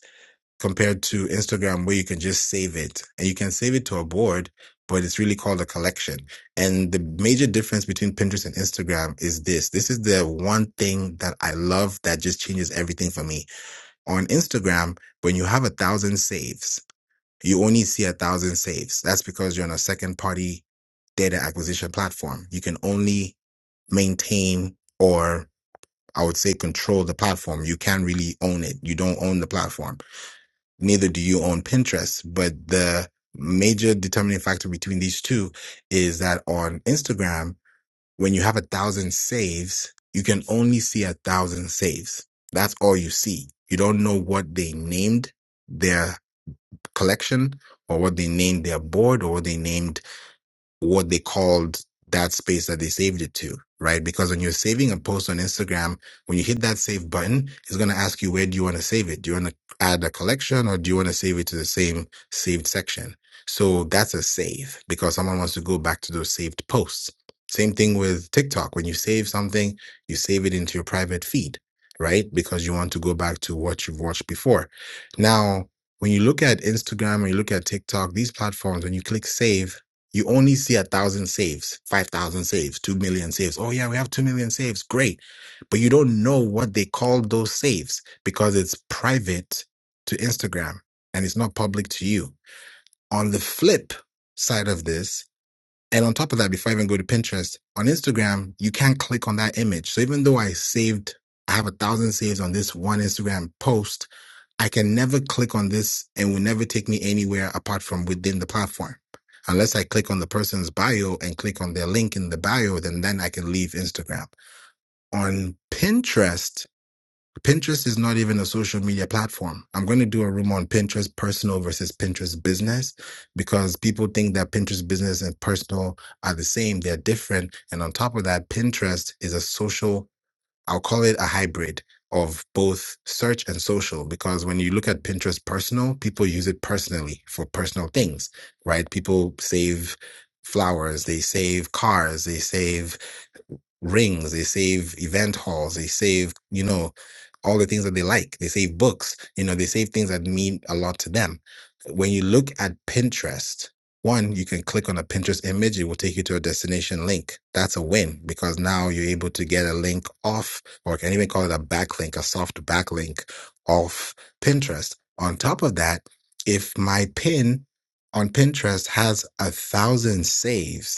compared to Instagram where you can just save it and you can save it to a board, but it's really called a collection. And the major difference between Pinterest and Instagram is this. This is the one thing that I love that just changes everything for me. On Instagram, when you have a thousand saves, you only see a thousand saves. That's because you're on a second party data acquisition platform. You can only maintain or I would say control the platform. You can't really own it. You don't own the platform neither do you own Pinterest. But the major determining factor between these two is that on Instagram, when you have a thousand saves, you can only see a thousand saves. That's all you see. You don't know what they named their collection or what they named their board or what they named what they called that space that they saved it to, right? Because when you're saving a post on Instagram, when you hit that save button, it's going to ask you, where do you want to save it? Do you want to add a collection or do you want to save it to the same saved section? So that's a save because someone wants to go back to those saved posts. Same thing with TikTok. When you save something, you save it into your private feed, right? Because you want to go back to what you've watched before. Now, when you look at Instagram, when you look at TikTok, these platforms, when you click save, you only see a thousand saves, five thousand saves, two million saves. Oh yeah, we have two million saves. Great. But you don't know what they call those saves because it's private to Instagram and it's not public to you. On the flip side of this, and on top of that, before I even go to Pinterest, on Instagram, you can't click on that image. So even though I saved, I have a thousand saves on this one Instagram post, I can never click on this and will never take me anywhere apart from within the platform. Unless I click on the person's bio and click on their link in the bio, then then I can leave Instagram. On Pinterest, Pinterest is not even a social media platform. I'm going to do a room on Pinterest personal versus Pinterest business because people think that Pinterest business and personal are the same, they're different. And on top of that, Pinterest is a social, I'll call it a hybrid of both search and social because when you look at Pinterest personal, people use it personally for personal things, right? People save flowers, they save cars, they save rings, they save event halls, they save, you know, all the things that they like. They save books, you know, they save things that mean a lot to them. When you look at Pinterest, one, you can click on a Pinterest image, it will take you to a destination link. That's a win because now you're able to get a link off, or I can even call it a backlink, a soft backlink off Pinterest. On top of that, if my pin on Pinterest has a thousand saves,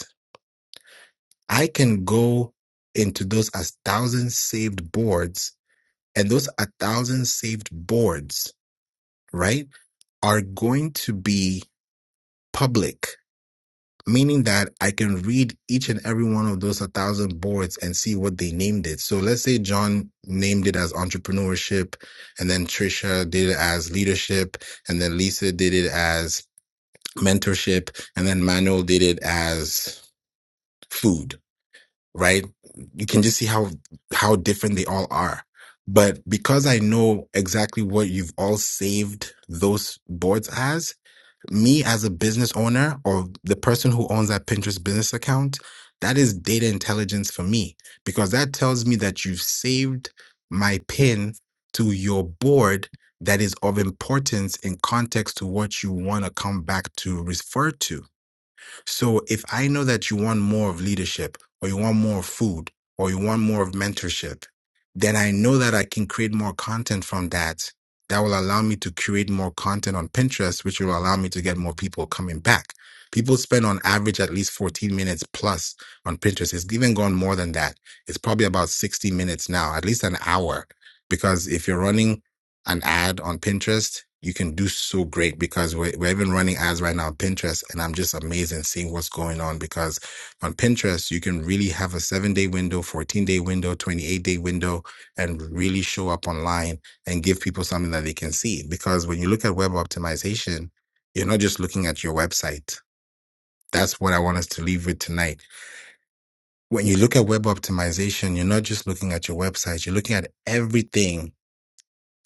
I can go into those as thousand saved boards, and those a thousand saved boards, right, are going to be public, meaning that I can read each and every one of those a thousand boards and see what they named it. So let's say John named it as entrepreneurship, and then Trisha did it as leadership, and then Lisa did it as mentorship, and then Manuel did it as food right? You can just see how how different they all are. But because I know exactly what you've all saved those boards as, me as a business owner or the person who owns that Pinterest business account, that is data intelligence for me because that tells me that you've saved my pin to your board that is of importance in context to what you want to come back to refer to so if I know that you want more of leadership or you want more of food or you want more of mentorship, then I know that I can create more content from that. That will allow me to create more content on Pinterest, which will allow me to get more people coming back. People spend on average at least 14 minutes plus on Pinterest. It's even gone more than that. It's probably about 60 minutes now, at least an hour. Because if you're running an ad on Pinterest, you can do so great because we're, we're even running ads right now on Pinterest. And I'm just amazed and seeing what's going on because on Pinterest, you can really have a seven day window, 14 day window, 28 day window, and really show up online and give people something that they can see. Because when you look at web optimization, you're not just looking at your website. That's what I want us to leave with tonight. When you look at web optimization, you're not just looking at your website, you're looking at everything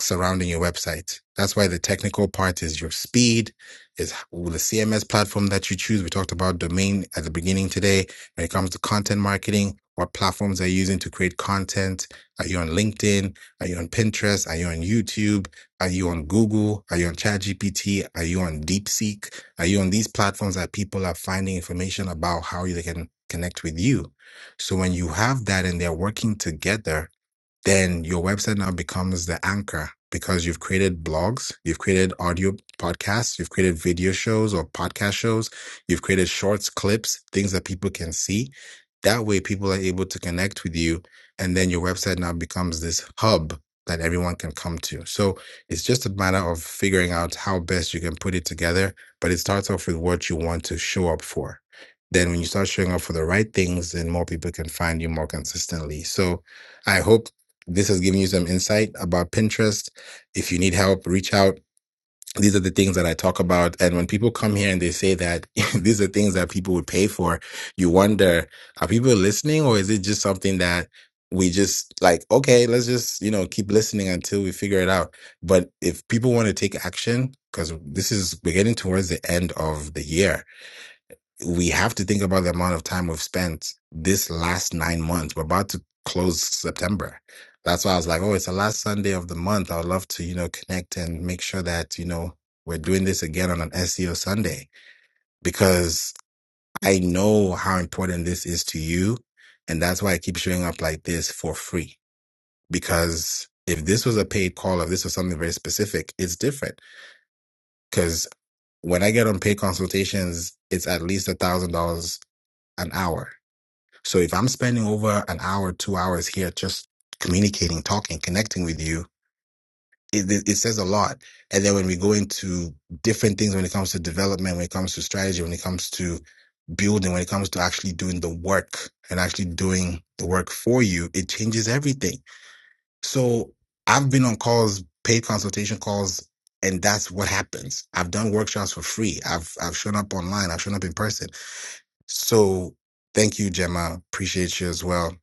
surrounding your website. That's why the technical part is your speed, is the CMS platform that you choose. We talked about domain at the beginning today. When it comes to content marketing, what platforms are you using to create content? Are you on LinkedIn? Are you on Pinterest? Are you on YouTube? Are you on Google? Are you on ChatGPT? Are you on DeepSeek? Are you on these platforms that people are finding information about how they can connect with you? So when you have that and they're working together, then your website now becomes the anchor because you've created blogs, you've created audio podcasts, you've created video shows or podcast shows, you've created shorts, clips, things that people can see. That way, people are able to connect with you. And then your website now becomes this hub that everyone can come to. So it's just a matter of figuring out how best you can put it together. But it starts off with what you want to show up for. Then, when you start showing up for the right things, then more people can find you more consistently. So, I hope this has given you some insight about Pinterest. If you need help, reach out. These are the things that I talk about. And when people come here and they say that these are things that people would pay for, you wonder, are people listening or is it just something that we just like, okay, let's just, you know, keep listening until we figure it out. But if people want to take action, because this is, we're getting towards the end of the year we have to think about the amount of time we've spent this last nine months. We're about to close September. That's why I was like, oh, it's the last Sunday of the month. I would love to, you know, connect and make sure that, you know, we're doing this again on an SEO Sunday because I know how important this is to you. And that's why I keep showing up like this for free. Because if this was a paid call, if this was something very specific, it's different. Because when I get on paid consultations, it's at least a thousand dollars an hour So if I'm spending over an hour, two hours here just communicating, talking, connecting with you, it, it, it says a lot. And then when we go into different things, when it comes to development, when it comes to strategy, when it comes to building, when it comes to actually doing the work and actually doing the work for you, it changes everything. So I've been on calls, paid consultation calls, and that's what happens. I've done workshops for free. I've I've shown up online. I've shown up in person. So thank you, Gemma. Appreciate you as well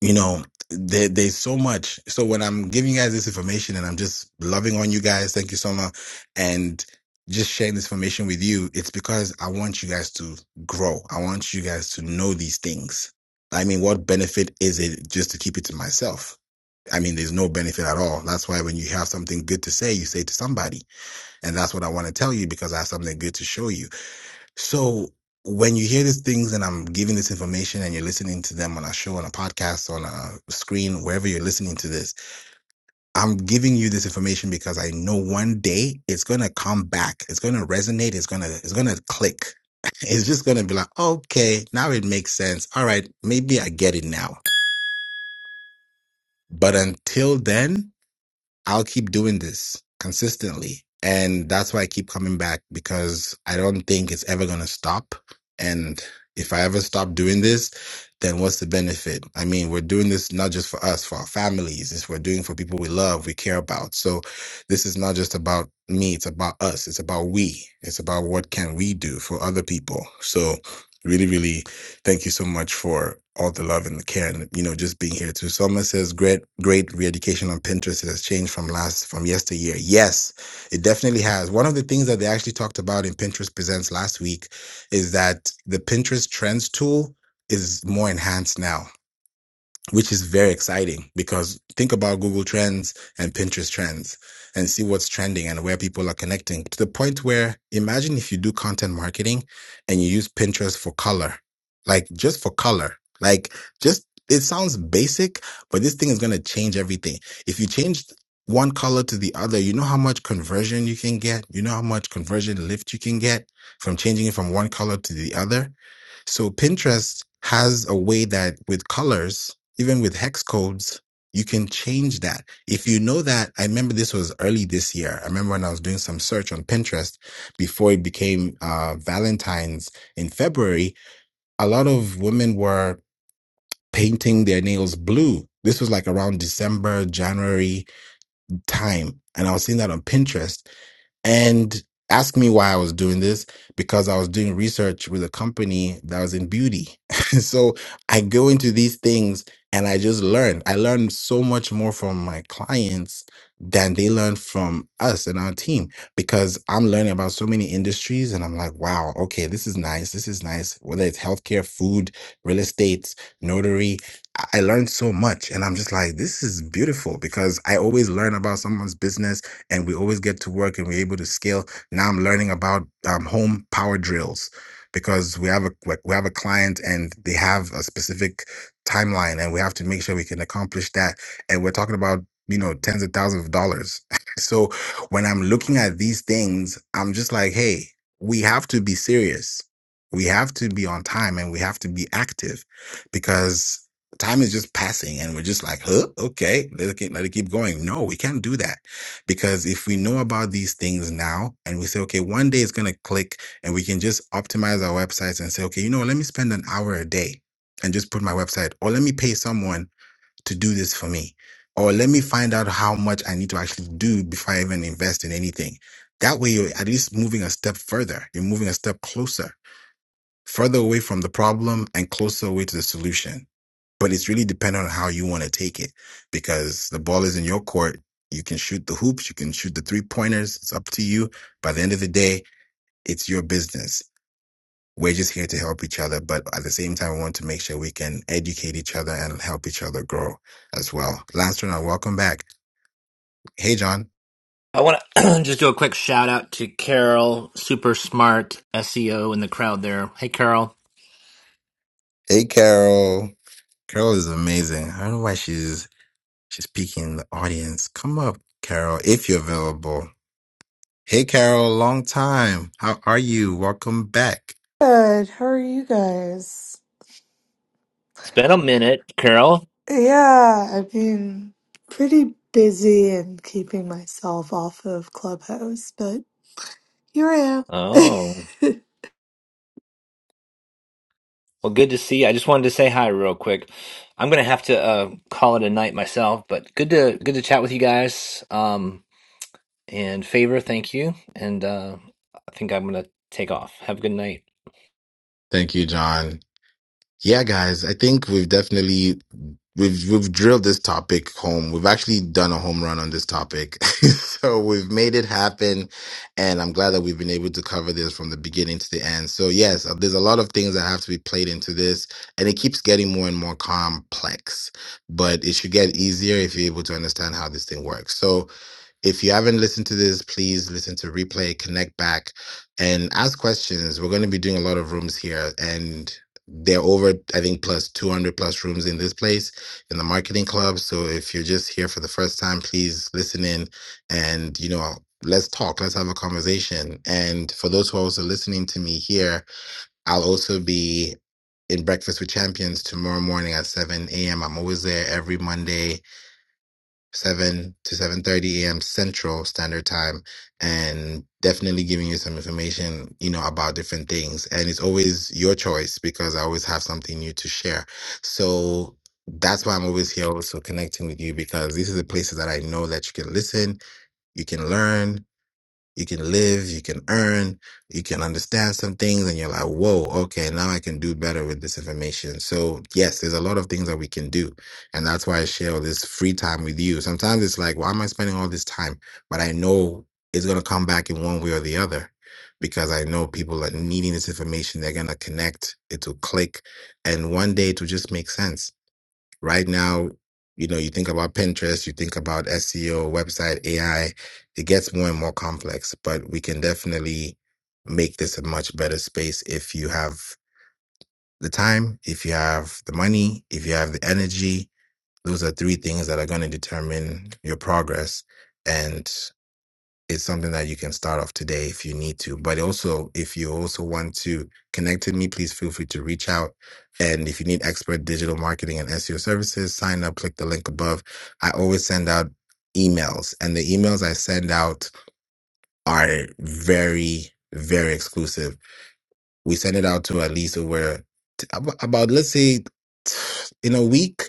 you know there, there's so much so when i'm giving you guys this information and i'm just loving on you guys thank you so much and just sharing this information with you it's because i want you guys to grow i want you guys to know these things i mean what benefit is it just to keep it to myself i mean there's no benefit at all that's why when you have something good to say you say it to somebody and that's what i want to tell you because i have something good to show you so when you hear these things and I'm giving this information and you're listening to them on a show, on a podcast, on a screen, wherever you're listening to this, I'm giving you this information because I know one day it's gonna come back. It's gonna resonate. It's gonna it's gonna click. It's just gonna be like, okay, now it makes sense. All right, maybe I get it now. But until then, I'll keep doing this consistently. And that's why I keep coming back because I don't think it's ever going to stop. And if I ever stop doing this, then what's the benefit? I mean, we're doing this not just for us, for our families. It's we're doing for people we love, we care about. So this is not just about me. It's about us. It's about we. It's about what can we do for other people. So really, really thank you so much for all the love and the care and you know just being here too. Someone says great great re-education on Pinterest. It has changed from last from yesteryear. Yes, it definitely has. One of the things that they actually talked about in Pinterest Presents last week is that the Pinterest Trends tool is more enhanced now which is very exciting because think about Google Trends and Pinterest Trends and see what's trending and where people are connecting to the point where imagine if you do content marketing and you use Pinterest for color, like just for color, like just it sounds basic, but this thing is going to change everything. If you change one color to the other, you know how much conversion you can get. You know how much conversion lift you can get from changing it from one color to the other. So Pinterest has a way that with colors even with hex codes, you can change that. If you know that, I remember this was early this year. I remember when I was doing some search on Pinterest before it became uh, Valentine's in February, a lot of women were painting their nails blue. This was like around December, January time. And I was seeing that on Pinterest. And ask me why I was doing this because I was doing research with a company that was in beauty. so I go into these things and I just learn. I learn so much more from my clients than they learn from us and our team because I'm learning about so many industries and I'm like, wow, okay, this is nice. This is nice. Whether it's healthcare, food, real estate, notary, I I learned so much and I'm just like, this is beautiful because I always learn about someone's business and we always get to work and we're able to scale. Now I'm learning about um, home power drills because we have a like, we have a client and they have a specific timeline and we have to make sure we can accomplish that. And we're talking about you know tens of thousands of dollars. so when I'm looking at these things, I'm just like, hey, we have to be serious. We have to be on time and we have to be active because time is just passing and we're just like, huh, okay, let it keep, let it keep going. No, we can't do that because if we know about these things now and we say, okay, one day it's going to click and we can just optimize our websites and say, okay, you know, what, let me spend an hour a day and just put my website, or let me pay someone to do this for me, or let me find out how much I need to actually do before I even invest in anything. That way, you're at least moving a step further. You're moving a step closer further away from the problem and closer away to the solution. But it's really dependent on how you want to take it because the ball is in your court. You can shoot the hoops, you can shoot the three pointers. It's up to you. By the end of the day, it's your business. We're just here to help each other, but at the same time, we want to make sure we can educate each other and help each other grow as well. Lance and welcome back. Hey, John. I want to just do a quick shout out to Carol, super smart SEO in the crowd there. Hey, Carol. Hey, Carol. Carol is amazing. I don't know why she's she's peeking in the audience. Come up, Carol, if you're available. Hey, Carol, long time. How are you? Welcome back. Good. How are you guys? It's been a minute, Carol. Yeah, I've been pretty busy and keeping myself off of Clubhouse, but here I Oh, am. well, good to see you. I just wanted to say hi real quick. I'm gonna have to uh, call it a night myself, but good to good to chat with you guys. Um, and favor, thank you. And uh, I think I'm gonna take off. Have a good night. Thank you, John. Yeah, guys, I think we've definitely we've we've drilled this topic home. We've actually done a home run on this topic. so we've made it happen and I'm glad that we've been able to cover this from the beginning to the end. So yes, uh, there's a lot of things that have to be played into this and it keeps getting more and more complex, but it should get easier if you're able to understand how this thing works. So If you haven't listened to this, please listen to replay, connect back, and ask questions. We're going to be doing a lot of rooms here, and they're over, I think, plus 200 plus rooms in this place in the marketing club. So if you're just here for the first time, please listen in and, you know, let's talk, let's have a conversation. And for those who are also listening to me here, I'll also be in Breakfast with Champions tomorrow morning at 7 a.m. I'm always there every Monday 7 to 7:30 a.m. Central Standard Time and definitely giving you some information, you know, about different things. And it's always your choice because I always have something new to share. So that's why I'm always here also connecting with you because these are the places that I know that you can listen, you can learn, you can live, you can earn, you can understand some things, and you're like, whoa, okay, now I can do better with this information. So, yes, there's a lot of things that we can do. And that's why I share all this free time with you. Sometimes it's like, why am I spending all this time? But I know it's going to come back in one way or the other because I know people are needing this information. They're going to connect, it will click, and one day it will just make sense right now, you know, you think about Pinterest, you think about SEO, website, AI, it gets more and more complex, but we can definitely make this a much better space if you have the time, if you have the money, if you have the energy. Those are three things that are going to determine your progress. and it's something that you can start off today if you need to. But also, if you also want to connect with me, please feel free to reach out. And if you need expert digital marketing and SEO services, sign up, click the link above. I always send out emails, and the emails I send out are very, very exclusive. We send it out to at least over t- ab- about, let's say, t- in a week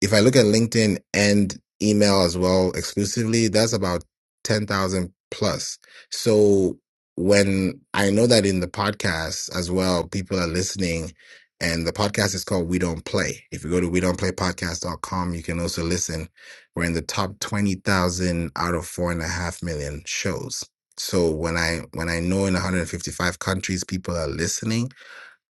if I look at LinkedIn and email as well exclusively, that's about 10,000 plus. So when I know that in the podcast as well, people are listening and the podcast is called We Don't Play. If you go to we don't play podcast dot com, you can also listen. We're in the top 20,000 out of four and a half million shows. So when I when I know in 155 countries people are listening,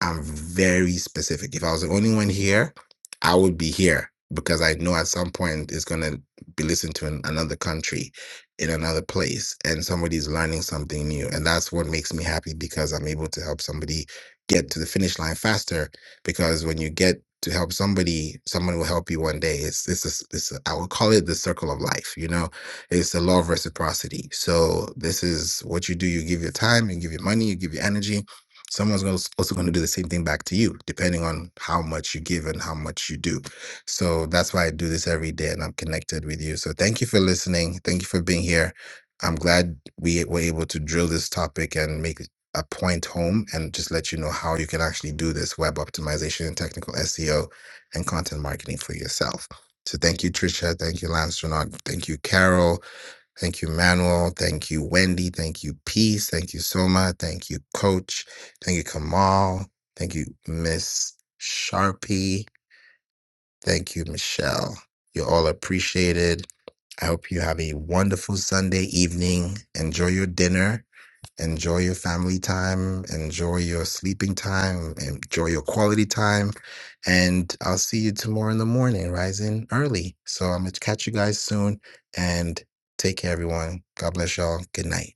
I'm very specific. If I was the only one here, I would be here because I know at some point it's going to be listened to in another country, in another place, and somebody's learning something new. And that's what makes me happy because I'm able to help somebody get to the finish line faster. Because when you get to help somebody, someone will help you one day. It's it's a s it's a, I would call it the circle of life. You know, it's the law of reciprocity. So this is what you do. You give your time, you give your money, you give your energy, someone's gonna- also going to do the same thing back to you depending on how much you give and how much you do so that's why i do this every day and i'm connected with you so thank you for listening thank you for being here i'm glad we were able to drill this topic and make a point home and just let you know how you can actually do this web optimization and technical seo and content marketing for yourself so thank you trisha thank you lance Renaud. thank you carol Thank you, Manuel. Thank you, Wendy. Thank you, Peace. Thank you, Soma. Thank you, Coach. Thank you, Kamal. Thank you, Miss Sharpie. Thank you, Michelle. You're all appreciated. I hope you have a wonderful Sunday evening. Enjoy your dinner Enjoy your family time, enjoy your sleeping time, enjoy your quality time. And I'll see you tomorrow in the morning, rising early. So I'm going to catch you guys soon and take care, everyone. God bless y'all. Good night.